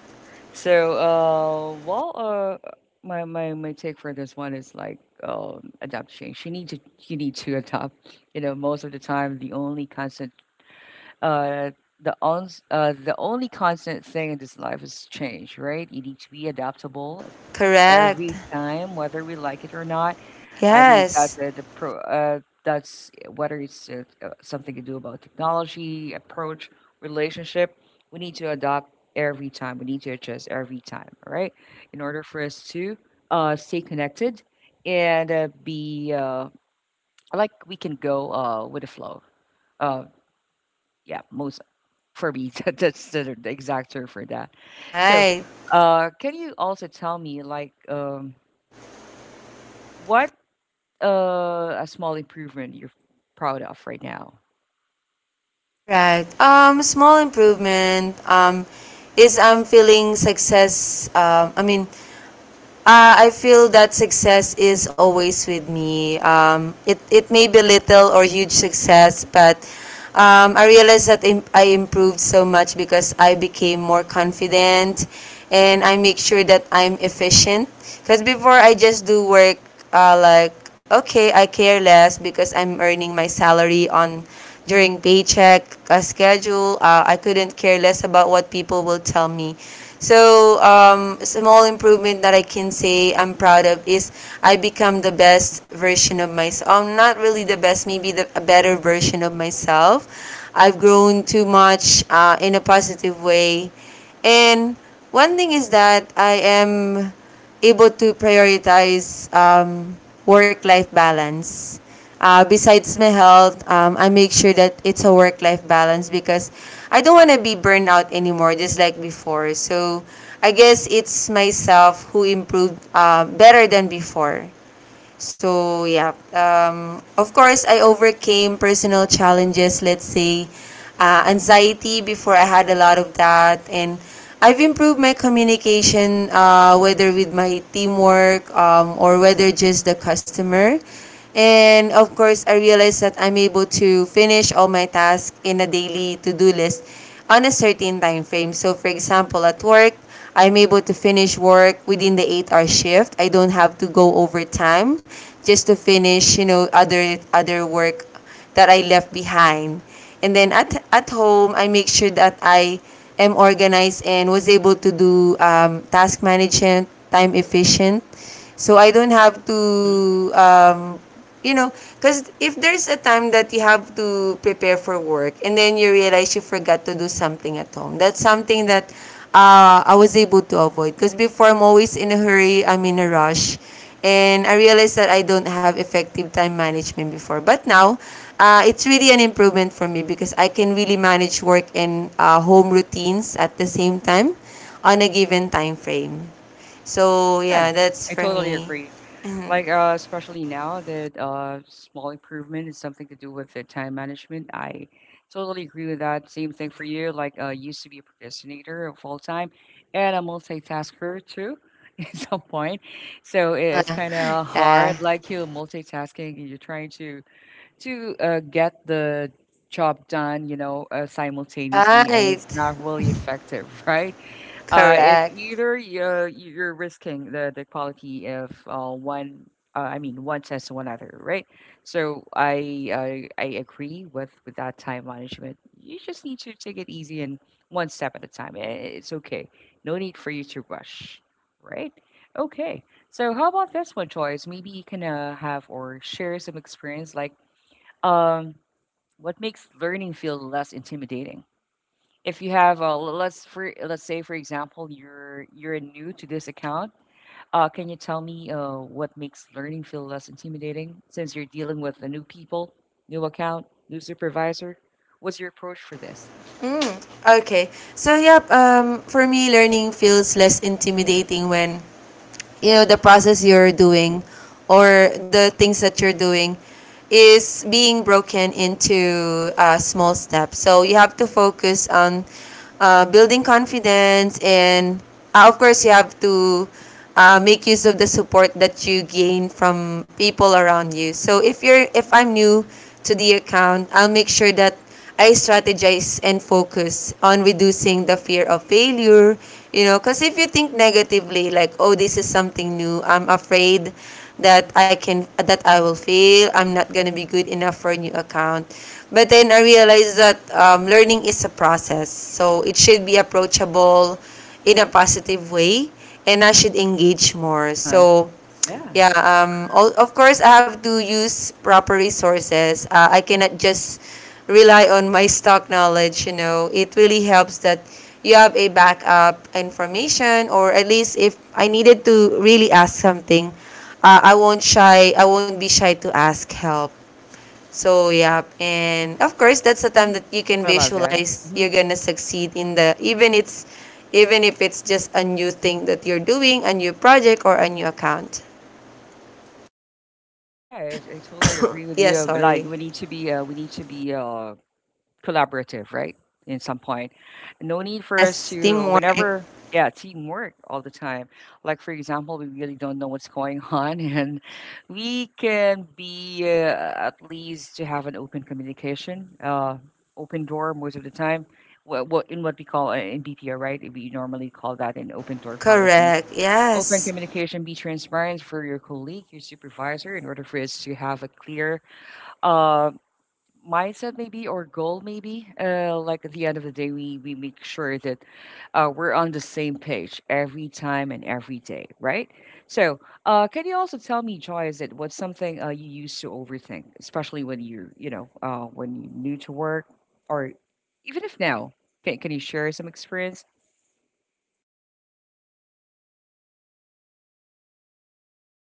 So, uh, well, uh, my my my take for this one is like um, adapt change. You need to you need to adapt. You know, most of the time, the only constant, uh, the on uh, the only constant thing in this life is change, right? You need to be adaptable correct. every time, whether we like it or not. I mean, that's Yes, the, the pro. Uh, that's whether it's uh, uh, something to do about technology, approach, relationship. We need to adopt every time. We need to adjust every time, right? In order for us to uh, stay connected and uh, be uh, like we can go uh, with the flow. Uh, yeah, most for me [LAUGHS] that- that's the, the exact term for that. So, right. uh, can you also tell me like um, what Uh, a small improvement you're proud of right now. All right. Um, small improvement. Um, is I'm feeling success. Um, I mean, uh, I feel that success is always with me. Um, it it may be little or huge success, but um, I realized that im- I improved so much because I became more confident, and I make sure that I'm efficient. Because before I just do work, uh, like okay, I care less because I'm earning my salary on during paycheck uh, schedule. Uh, I couldn't care less about what people will tell me. So, um, small improvement that I can say I'm proud of is I become the best version of myself. I'm not really the best, maybe the a better version of myself. I've grown too much uh, in a positive way. And one thing is that I am able to prioritize um, work life balance. Uh, besides my health, um, I make sure that it's a work life balance because I don't want to be burned out anymore, just like before. So I guess it's myself who improved uh, better than before. So yeah, um, of course I overcame personal challenges. Let's say uh, anxiety before, I had a lot of that, and I've improved my communication, uh, whether with my teamwork um, or whether just the customer. And of course, I realized that I'm able to finish all my tasks in a daily to-do list on a certain time frame. So for example, at work, I'm able to finish work within the eight-hour shift. I don't have to go overtime just to finish, you know, other other work that I left behind. And then at at home, I make sure that I am organized and was able to do um, task management, time efficient. So I don't have to Mhm. um, you know, because if there's a time that you have to prepare for work and then you realize you forgot to do something at home, that's something that uh, I was able to avoid. Because before, I'm always in a hurry, I'm in a rush, and I realized that I don't have effective time management before. But now, uh, it's really an improvement for me because I can really manage work and uh, home routines at the same time on a given time frame. So, Yeah, yeah, that's I for totally me. agree. Like, uh, especially now that uh, small improvement is something to do with the time management. I totally agree with that. Same thing for you. Like, uh, used to be a procrastinator full time and a multitasker too [LAUGHS] at some point. So [LAUGHS] it's kind of Yeah. hard. Like, you're multitasking and you're trying to to uh, get the job done, you know, uh, simultaneously, and Right. it's not really effective, [LAUGHS] right? Uh, it's Correct. either you're, you're risking the, the quality of uh, one, uh, I mean, one test to one other, right? So I, I I agree with with that time management. You just need to take it easy and one step at a time. I- It's okay. No need for you to rush, right? Okay. So how about this one, Joyce? Maybe you can uh, have or share some experience like um, what makes learning feel less intimidating? If you have, uh, l- let's for let's say for example, you're you're new to this account. Uh, can you tell me uh, what makes learning feel less intimidating since you're dealing with the new people, new account, new supervisor? What's your approach for this? Okay. So yep, um for me learning feels less intimidating when you know the process you're doing or the things that you're doing is being broken into uh, small steps. So you have to focus on uh, building confidence and uh, of course you have to uh, make use of the support that you gain from people around you. So if you're if I'm new to the account, I'll make sure that I strategize and focus on reducing the fear of failure. You know, because if you think negatively, like, oh, this is something new, I'm afraid that I can, that I will fail, I'm not going to be good enough for a new account. But then I realized that um, learning is a process. So it should be approachable in a positive way, and I should engage Uh more. huh. So, Yeah. yeah, um, all, of course, I have to use proper resources. Uh, I cannot just rely on my stock knowledge, you know. It really helps that you have a backup information, or at least if I needed to really ask something, uh, I won't shy, I won't be shy to ask help. So, yeah, and of course, that's the Hmm. time that you can I love that. visualize Hmm. you're gonna succeed in the, even it's, even if it's just a new thing that you're doing, a new project or a new account. Yeah, I, I totally agree with Yes, you. Like sorry. we need to be, uh, we need to be uh, collaborative, right? In some point, no need for us Yes, to teamwork. whenever yeah teamwork all the time. Like for example, we really don't know what's going on, [LAUGHS] and we can be uh, at least to have an open communication, uh, open door most of the time. What, what in what we call uh, in B P O, right? We normally call that an open door policy. Correct. Open Yes. communication, be transparent for your colleague, your supervisor, in order for us to have a clear um mindset maybe or goal maybe uh, like at the end of the day we we make sure that uh, we're on the same page every time and every day right so uh, can you also tell me joy is it what's something uh, you used to overthink especially when you're you know uh, when you're new to work or even if now can, can you share some experience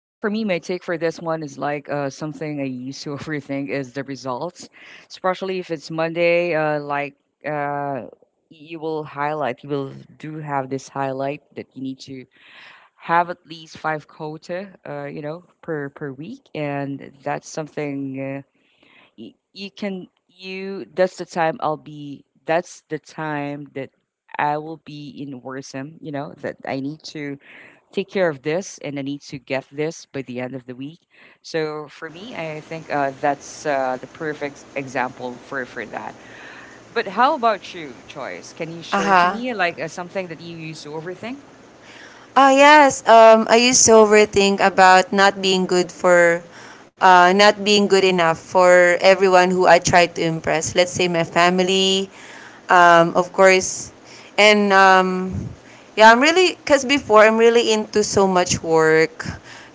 Well, for me, my take for this one is like uh, something I used to [LAUGHS] overthink is the results, especially if it's Monday. Uh, like uh, you will highlight, you will do have this highlight that you need to have at least five quota, uh, you know, per per week, and that's something uh, you, you can you. That's the time I'll be. That's the time that I will be in worrisome. You know that I need to take care of this and I need to get this by the end of the week. So for me, I think uh, that's uh, the perfect example for for that. But how about you, Choice? Can you share to Uh-huh. me like uh, something that you used to overthink? Ah, yes. Um, I used to overthink about not being good for, uh, not being good enough for everyone who I tried to impress. Let's say my family, um, of course, and um, yeah, I'm really, cause before I'm really into so much work.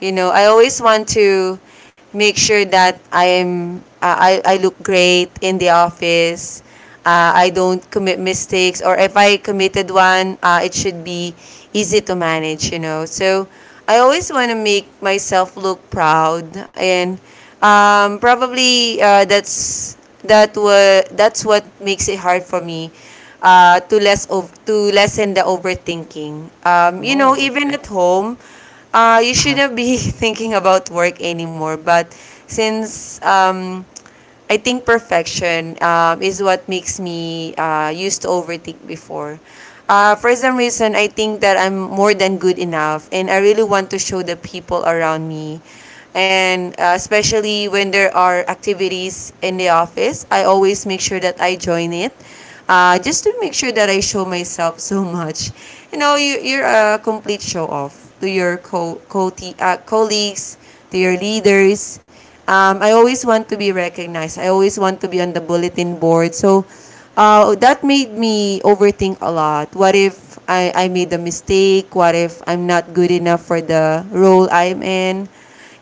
You know, I always want to make sure that I am, uh, I I look great in the office. Uh, I don't commit mistakes, or if I committed one, uh, it should be easy to manage, you know. So I always want to make myself look proud, and um, probably uh, that's that wa- that's what makes it hard for me uh, to less ov- to lessen the overthinking. Um, you know, Oh, Even at home, uh, you uh-huh. shouldn't be [LAUGHS] thinking about work anymore. But since um, I think perfection um, is what makes me uh, used to overthink before. Uh, for some reason, I think that I'm more than good enough, and I really want to show the people around me. And uh, especially when there are activities in the office, I always make sure that I join it, uh, just to make sure that I show myself so much. You know, you, you're a complete show off to your co- co- uh, colleagues, to your leaders. Um, I always want to be recognized. I always want to be on the bulletin board. So uh, that made me overthink a lot. What if I, I made a mistake? What if I'm not good enough for the role I'm in?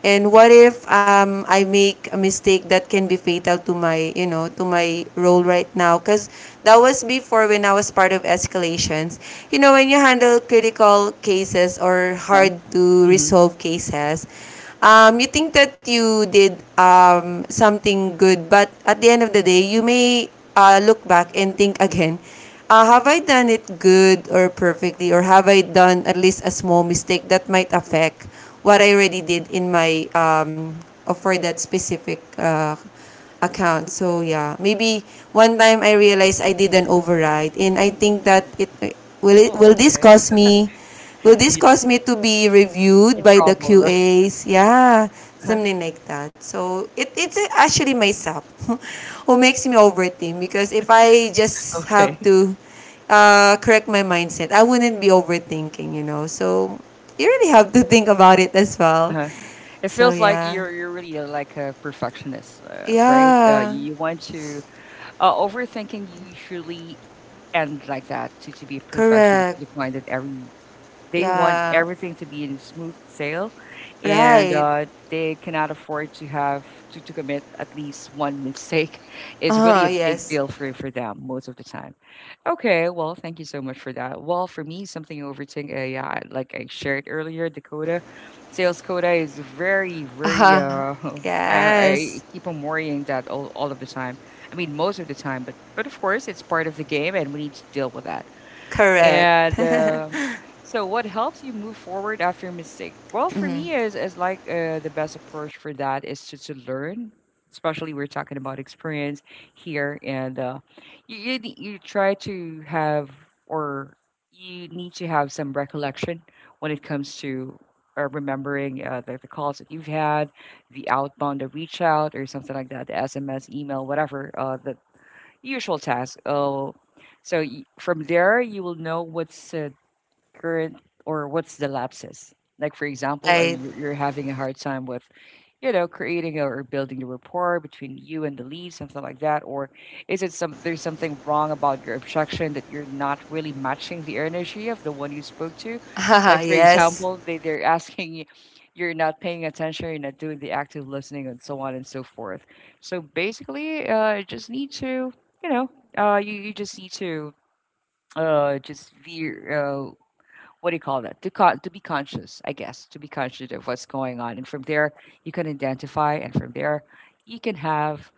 And what if um, I make a mistake that can be fatal to my, you know, to my role right now? Because that was before when I was part of escalations. You know, when you handle critical cases or Uh-huh. hard to Mm-hmm. resolve cases, um, you think that you did um, something good, but at the end of the day, you may uh, look back and think again, uh, have I done it good or perfectly, or have I done at least a small mistake that might affect what I already did in my um or for that specific uh, Hmm. account. So yeah, maybe one time I realized I did an override, and I think that it will it Oh, will this okay. cause me, will this You're cause me to be reviewed in by the trouble, [LAUGHS] right? Q As? Yeah, Uh-huh. something like that. So it, it's actually myself [LAUGHS] who makes me overthink because if I just have Okay. to uh, correct my mindset, I wouldn't be overthinking, you know. So you really have to think about it as well. Uh-huh. It So feels like yeah. you're you're really uh, like a perfectionist, uh, right? Uh, Yeah. You you want to uh, overthinking usually and like that to, to be a perfectionist Correct. to the point that every they want Yeah. everything to be in smooth sail and Right. uh, they cannot afford to have to, to commit at least one mistake [LAUGHS] is really Uh-huh, a big yes. deal for, for them most of the time. Okay, well, thank you so much for that. Well, for me, something overthink, uh, yeah, like I shared earlier, Dakota sales quota is very, very. Uh-huh. Uh, [LAUGHS] I, Yes. I keep on worrying that all, all of the time. I mean, most of the time, but but of course, it's part of the game, and we need to deal with that. Correct. And um, So, what helps you move forward after a mistake? Well, for me, is is like uh, the best approach for that is to, to learn. Especially we're talking about experience here, and uh, you, you ne- you try to have or you need to have some recollection when it comes to uh, remembering uh, the, the calls that you've had, the outbound, the reach out, or something like that, the S M S, email, whatever uh, the usual task. Oh, so y- from there you will know what's uh, current or what's the lapses. Like for example, or Right. you're, you're having a hard time with you know, creating or building the rapport between you and the lead, something like that? Or is it some there's something wrong about your objection that you're not really matching the energy of the one you spoke to? [LAUGHS] Haha, Like for yes. example, they, they're asking you you're not paying attention, you're not doing the active listening and so on and so forth. So basically, uh you just need to, you know, uh you, you just need to uh just veer uh, what do you call that to con- to be conscious, I guess. To be conscious of what's going on, and from there you can identify, and from there you can have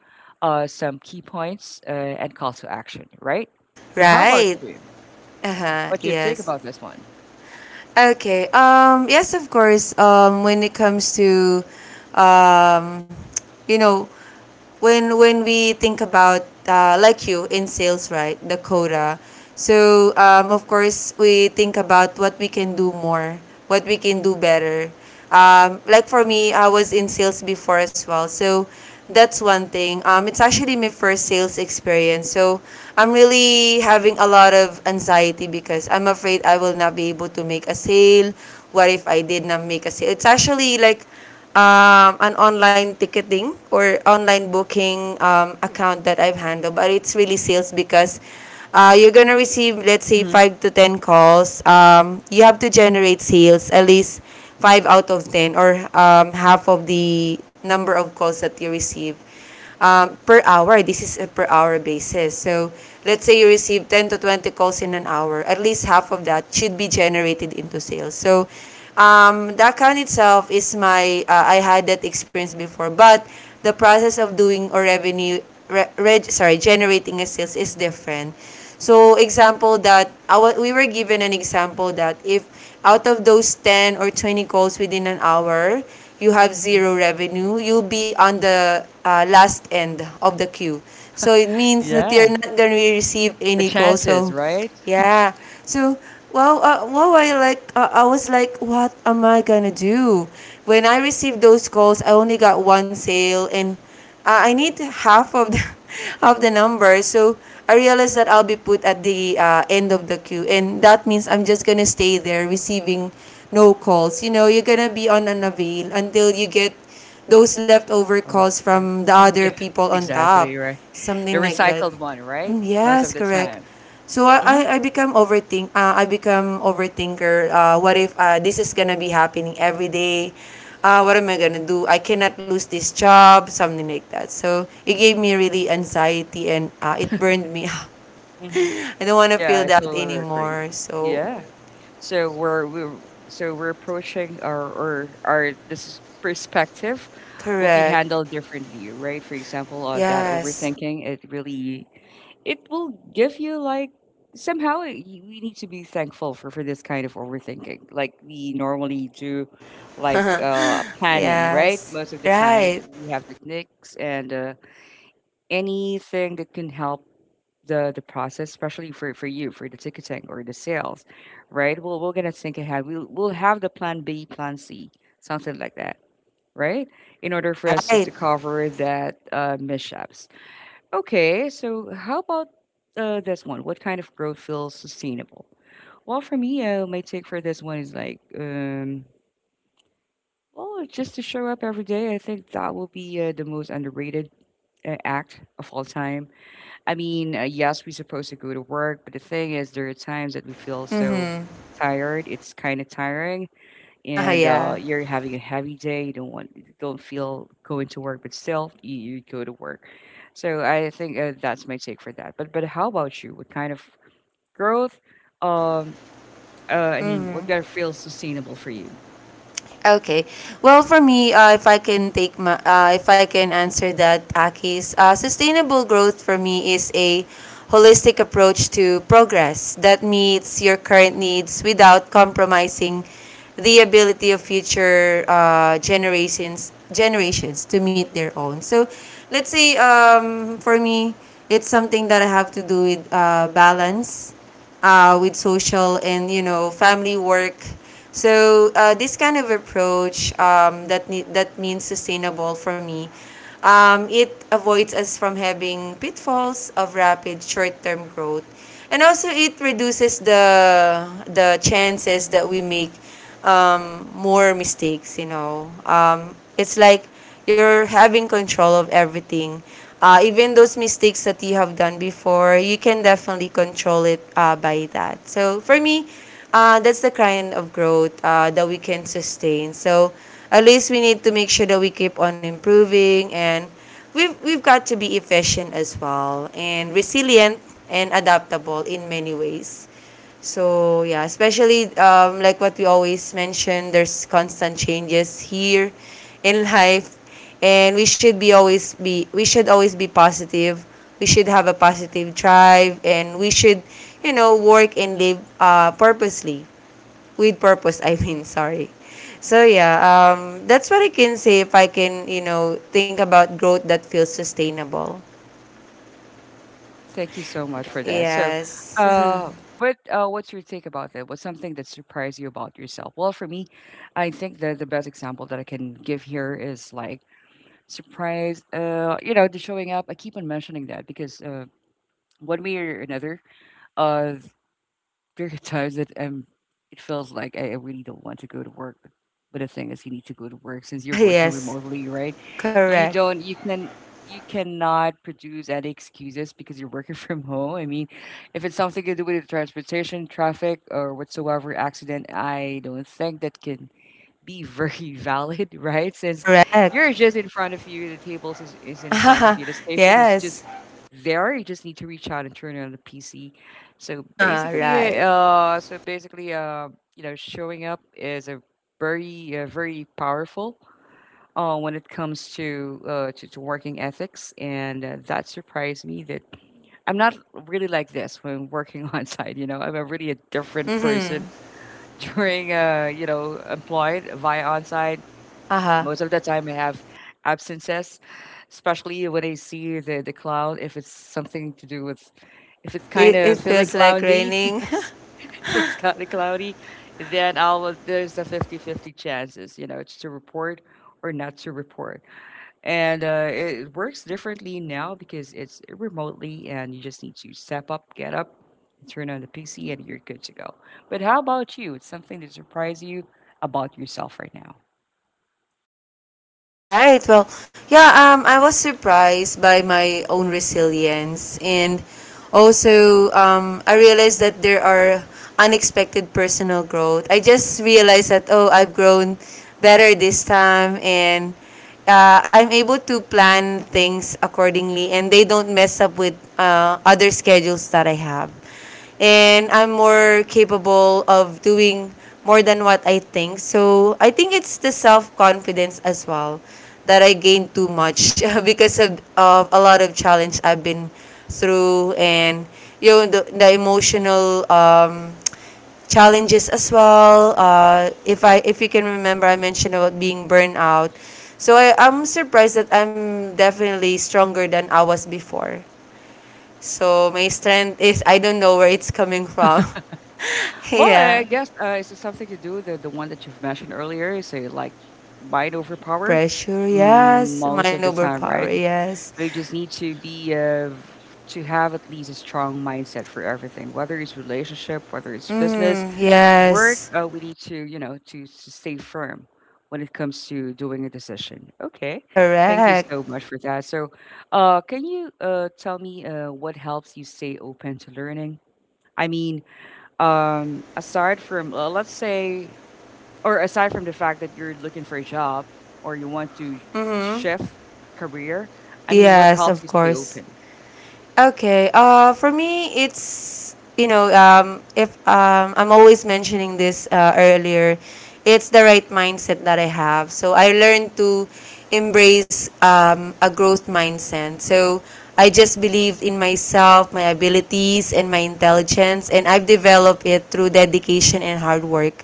uh, some key points, uh, and call to action, right? But how about Right. you, Uh-huh, what's your take yes. about this one? Okay. Um, yes, of course. Um, when it comes to, um, you know, when when we think about, uh, like you in sales, right, the quota, so um, of course we think about what we can do more, what we can do better. Um, like for me, I was in sales before as well. So that's one thing. Um, it's actually my first sales experience. So I'm really having a lot of anxiety because I'm afraid I will not be able to make a sale. What if I did not make a sale? It's actually like um, an online ticketing or online booking um, account that I've handled, but it's really sales because uh, you're gonna receive, let's say, hmm five to ten calls. Um, you have to generate sales at least five out of ten, or um, half of the number of calls that you receive um, per hour. This is a per hour basis. So let's say you receive ten to twenty calls in an hour, at least half of that should be generated into sales. So um, the account itself is my, uh, I had that experience before, but the process of doing or revenue, re- reg- sorry, generating a sales is different. So example that, I w- we were given an example that if out of those ten or twenty calls within an hour, you have hmm zero revenue, you'll be on the uh, last end of the queue. So it means that you're yeah, not going to receive the any calls. chances, So, right? yeah. So, well, uh, well, I like, uh, I was like, what am I gonna do? When I received those calls, I only got one sale, and uh, I need half of the [LAUGHS] of the number. So I realized that I'll be put at the uh, end of the queue, and that means I'm just gonna stay there receiving no calls. You know, you're gonna be on an avail until you get those leftover Oh, calls okay. from the Mhm. other Yeah, [LAUGHS] people on exactly, top, right. The something like that. recycled one, right, Mm, most of yes, the correct. time. So I I hmm I become overthink, uh, I become overthinker. Uh, what if uh, this is gonna be happening every day? Uh, what am I gonna do? I cannot lose this job, something like that. So it hmm gave me really anxiety and uh, it burned me [LAUGHS] out. hmm I don't want to yeah, feel I that totally agree. anymore. So Yeah. So we're we're so we're approaching our, or our, this is perspective will be correct. handled differently, right? For example, uh, that Yes. overthinking, it really it will give you like somehow it, y- we need to be thankful for for this kind of overthinking. Like we normally do, like [LAUGHS] uh, planning, right? Yes. Most of the time Right. we have techniques and, uh, anything that can help the the process, especially for for you, for the ticketing or the sales, right? Well, we're gonna think ahead. We'll we'll have the plan B, plan C, something like that, right? In order for us to, Right. to cover that uh, mishaps. Okay, so how about uh, this one? What kind of growth feels sustainable? Well, for me, uh, my take for this one is like, um, well, just to show up every day. I think that will be uh, the most underrated uh, act of all time. I mean, uh, yes, we're supposed to go to work, but the thing is, there are times that we feel so Mhm. tired. It's kind of tiring, [LAUGHS] and uh, Yeah. you're having a heavy day. You don't want, you don't feel going to work, but still, you, you go to work. So I think uh, that's my take for that. But but how about you? What kind of growth? Um, uh, I mean, what kind of feels sustainable for you? Okay. Well, for me, uh, if I can take my, uh, if I can answer that, Akis, uh, sustainable growth for me is a holistic approach to progress that meets your current needs without compromising the ability of future uh, generations generations to meet their own. So, let's say, um, for me, it's something that I have to do with uh, balance, uh, with social and, you know, family work. So uh, this kind of approach, um, that ne- that means sustainable for me. Um, it avoids us from having pitfalls of rapid short-term growth, and also it reduces the the chances that we make um, more mistakes. You know, um, it's like you're having control of everything. Uh, even those mistakes that you have done before, you can definitely control it uh, by that. So for me, uh, that's the kind of growth uh, that we can sustain. So at least we need to make sure that we keep on improving, and we've, we've got to be efficient as well, and resilient and adaptable in many ways. So yeah, especially, um, like what we always mention, there's constant changes here in life, and we should be always be we should always be positive. We should have a positive drive, and we should, you know, work and live uh, purposely, with purpose. I mean, [LAUGHS] sorry. So yeah, um, that's what I can say if I can, you know, think about growth that feels sustainable. Okay, thank you so much for that. So, Yes. [LAUGHS] uh, but uh, what's your take about that? What's something that surprised you about yourself? Well, for me, I think that the best example that I can give here is like surprise. Uh, you know, the showing up. I keep on mentioning that because uh, one way or another, uh, there are times that um, it feels like I, I really don't want to go to work. But, but the thing is, you need to go to work since you're Ah, working yes, remotely, right? You correct, don't, you can, you cannot produce any excuses because you're working [LAUGHS] from home. I mean, if it's something to do with transportation, traffic, or whatsoever accident, I don't think that can be very [LAUGHS] valid, right? Since you're correct. just in front of you, the tables is, is [LAUGHS] in front of Haha, you, the station is yes. just there. You just need to reach out and turn on the P C. So Haha, basically, right. uh, so basically, uh, you know, showing up is a very, uh, very powerful uh, when it comes to, uh, to to working ethics, and uh, that surprised me that I'm not really like this when working [LAUGHS] on site. You know, I'm a really a different Mm-hmm. person [LAUGHS] during uh, you know, employed via on site. Haha, Most of the time, I have absences, especially when I see the, the cloud. If it's something to do with, if it's kind it, it of feeling feels like cloudy, [LAUGHS] raining. yes, feels kind of cloudy, then I'll there's a fifty fifty chances, you know, it's to report or not to report. And uh, it works differently now because it's remotely, and you just need to step up, get up, turn on the P C, and you're good to go. But how about you? It's something that surprised you about yourself right now. [LAUGHS] Right. Well, yeah, um, I was surprised by my own resilience. And also, um, I realized that there are unexpected personal growth. I just realized that, oh, I've grown better this time. And uh, I'm able to plan things accordingly. And they don't mess up with uh, other schedules that I have, and I'm more capable of doing more than what I think. So I think it's the self confidence as well that I gained too much, [LAUGHS] because of, of a lot of challenge I've been through, and you know, the, the emotional, um, challenges as well. Uh, if I if you can remember, I mentioned about being burned out. So I, I'm surprised that I'm definitely stronger than I was before. So my strength is, I don't know where it's coming from. [LAUGHS] Well, Yeah. I guess uh, is it something to do with the, the one that you've mentioned earlier? Is it like might overpower. Pressure, Mm, yes. most Mind of the over time, power, right? yes. You just need to be uh, v- to have at least a strong mindset for everything, whether it's relationship, whether it's business, Mm, work. yes. Uh, we need to, you know, to, to stay firm when it comes to doing a decision. Okay, thank you Correct. so much for that. So, uh, can you uh, tell me uh, what helps you stay open to learning? I mean, um aside from, uh, let's say, or aside from the fact that you're looking for a job, or you want to sh- shift career. I mean, what Yes, of helps you stay course. open? Okay. Uh, for me, it's, you know, um, if um, I'm always mentioning this uh, earlier, it's the right mindset that I have. So I learned to embrace um, a growth mindset. So I just believed in myself, my abilities, and my intelligence, and I've developed it through dedication and hard work.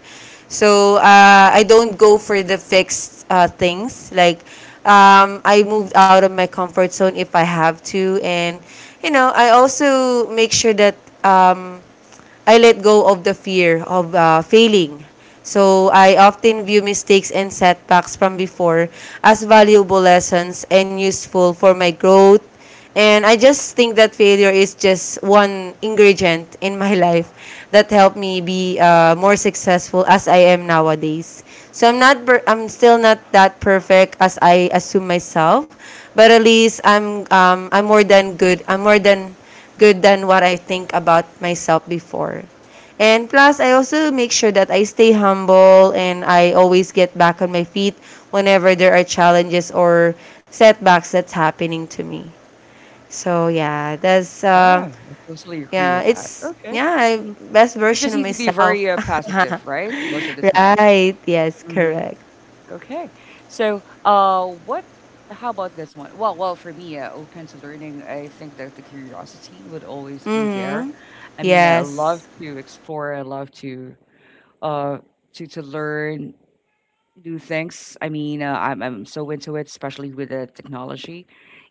So uh, I don't go for the fixed uh, things. Like, um, I moved out of my comfort zone if I have to, and you know, I also make sure that um, I let go of the fear of uh, failing. So I often view mistakes and setbacks from before as valuable lessons and useful for my growth. And I just think that failure is just one ingredient in my [LAUGHS] life, that helped me be uh, more successful as I am nowadays. So I'm not per- I'm still not that perfect as I assume myself, but at least I'm, um, I'm more than good. I'm more than good than what I think about myself before. And plus, I also make sure that I stay humble and I always get back on my feet whenever there are challenges or setbacks that's happening to me. So yeah, that's Yeah, um, I totally agree yeah, with that. it's Okay. yeah, I- hmm best we version just of need to be myself. very, uh, [LAUGHS] positive, right, most of the time. Right? Yes, hmm correct. okay. So uh what how about this one? Well, well for me, uh, open to learning, I think that the curiosity would always be there. Mhm. I mean, I love Yes. to explore, I love to uh, to to learn new things. I mean, uh, I'm I'm so into it, especially with the technology,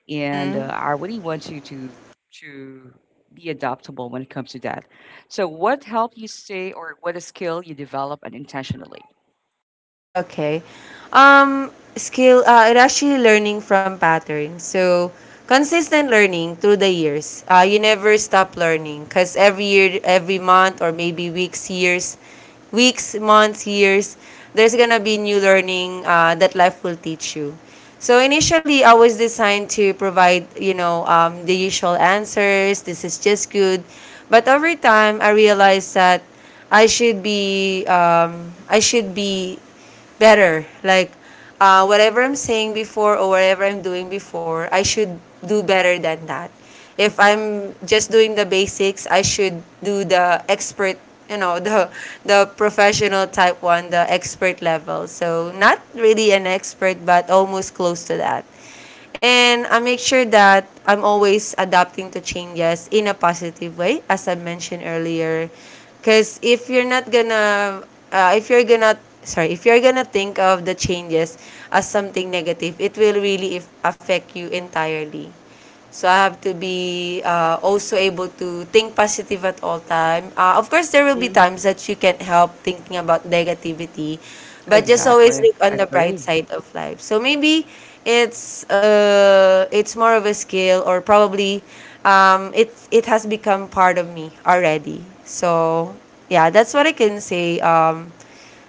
and uh, Mhm. I really want you to to be adaptable when it comes to that. So, what helped you stay, or what a skill you develop unintentionally? Okay. Um, skill, uh, it actually learning from patterns. So, consistent learning through the years. Uh, you never stop learning because every year, every month, or maybe weeks, years, weeks, months, years, there's gonna be new learning uh, that life will teach you. So initially, I was designed to provide, you know, um, the usual answers. This is just good, but over time, I realized that I should be, um, I should be better. Like uh, whatever I'm saying before or whatever I'm doing before, I should do better than that. If I'm just doing the basics, I should do the expert, you know, [LAUGHS] the the professional type one, the expert level. So not really an expert, but almost close to that. And I make sure that I'm always adapting to changes in a positive way, as I mentioned earlier. Because if you're not gonna, uh, if you're gonna, sorry, if you're gonna think of the changes as something negative, it will really if affect you entirely. So I have to be uh, also able to think positive at all time. Uh, of course, there will be Mm-hmm. times that you can't help thinking about negativity, but just always Exactly, look I on the bright agree. side of life. So maybe it's uh, it's more of a skill, or probably, um, it it has become part of me already. So yeah, that's what I can say. Um,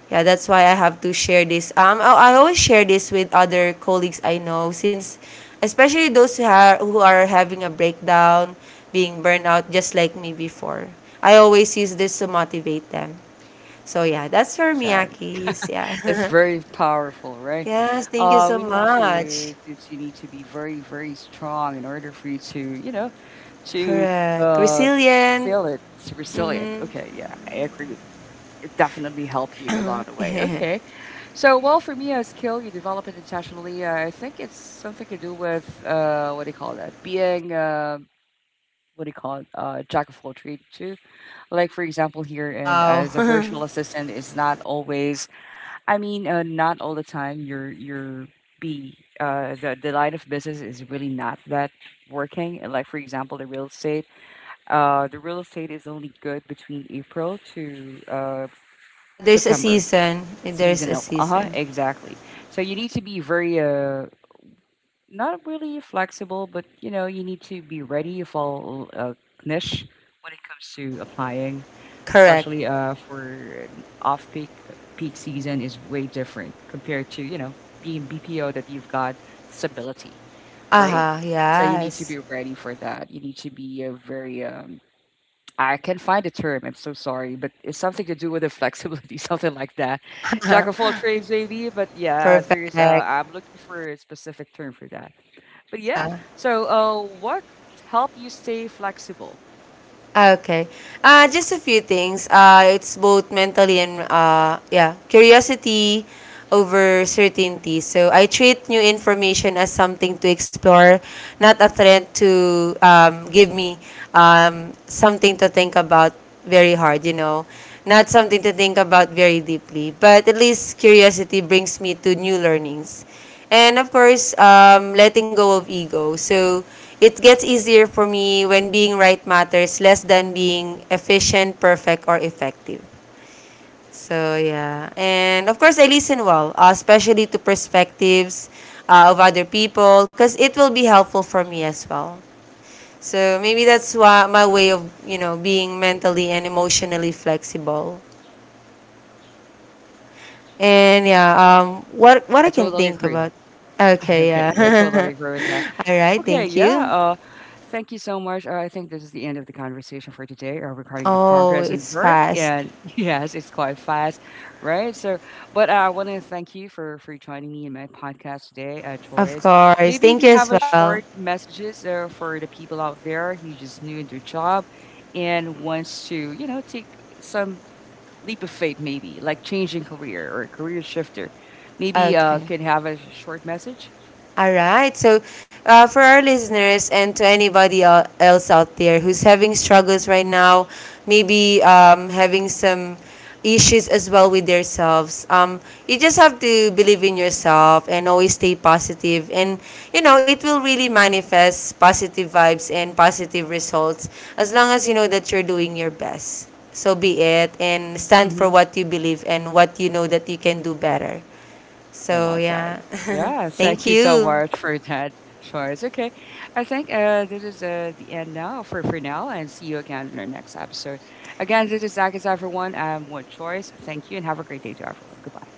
yeah, that's why I have to share this, um i, I always share this with other colleagues I know, since especially those who are, who are having a breakdown, being burned out just like me before. I always use this to motivate them. So yeah, that's for Love me, that. Akis, yeah. It's [LAUGHS] very powerful, right? Yes, thank you Uh, so we need much. to, to you need to be very, very strong in order for you to, you know, to Correct, uh, resilient. feel it. It's resilient. Okay, yeah, I agree. It definitely helped you along the way. [LAUGHS] Okay, so well, for me, a skill you develop it intentionally. Uh, I think it's something to do with uh, what do you call that? Being uh, what do you call it? Uh, jack of all trades too. Like for example, here and Wow. as a virtual [LAUGHS] assistant is not always. I mean, uh, not all the time. You're you're be uh, the the line of business is really not that working. And like for example, the real estate uh, the real estate is only good between April to uh, Yeah, there's a September, season, there's a seasonal. Uh huh, season. exactly. So you need to be very, uh, not really flexible, but you know, you need to be ready if all uh, niche when it comes to applying, Correct. especially uh, for off peak. Peak season is way different compared to, you know, being B P O, that you've got stability, right? Aha, So you need to yes. be ready for that. You need to be uh, very um, I can find the term. I'm so sorry, but it's something to do with the flexibility, [LAUGHS] something like that. Jack of all trades, maybe. But yeah, Perfect. there's. Uh, I'm looking for a specific term for that. But yeah. Aha. So, uh, what help you stay flexible? Okay. Uh, just a few things. Uh, it's both mentally and, uh, yeah, curiosity over certainty. So I treat new information as something to explore, not a threat to, um, give me, um, something to think about very hard. You know, not something to think about very deeply. But at least curiosity brings me to new learnings, and of course, um, letting go of ego. So it gets easier for me when being right matters less than being efficient, perfect, or effective. So, yeah. And of course, I listen well, uh, especially to perspectives uh, of other people, because it will be helpful for me as well. So, maybe that's why my way of, you know, being mentally and emotionally flexible. And yeah, um, what, Yeah, what I I can totally think agree. about. [LAUGHS] Okay, Okay, yeah, I yeah. totally [LAUGHS] agree with that. All right, Okay, thank you. yeah. Thank you so much. Uh, I think this is the end of the conversation for today uh, regarding the Oh, progress in it's work. fast. And [LAUGHS] yes, it's quite fast, right? So, but uh, I want to thank you for for joining me in my podcast today, uh, Of Torres. course. Maybe you Thank you could have as a well. short messages uh, for the people out there who just new in their job and wants to, you know, take some leap of faith, maybe like changing career or career shifter. Maybe uh, Okay. can have a short message. All right. So, uh, for our listeners and to anybody el- else out there who's having struggles right now, maybe, um, having some issues as well with themselves, um, you just have to believe in yourself and always stay positive. And, you know, it will really manifest positive vibes and positive results as long as you know that you're doing your best. So be it, and stand for Mm-hmm. what you believe and what you know that you can do better. I So love that. yeah, Yeah, [LAUGHS] thank thank you so you. much for that, Shores. Okay, I think uh, this is uh, the end now for, for now, and see you again in our next episode. Again, this is Zach is everyone. Um, one choice. Thank you, and have a great day to everyone. Goodbye.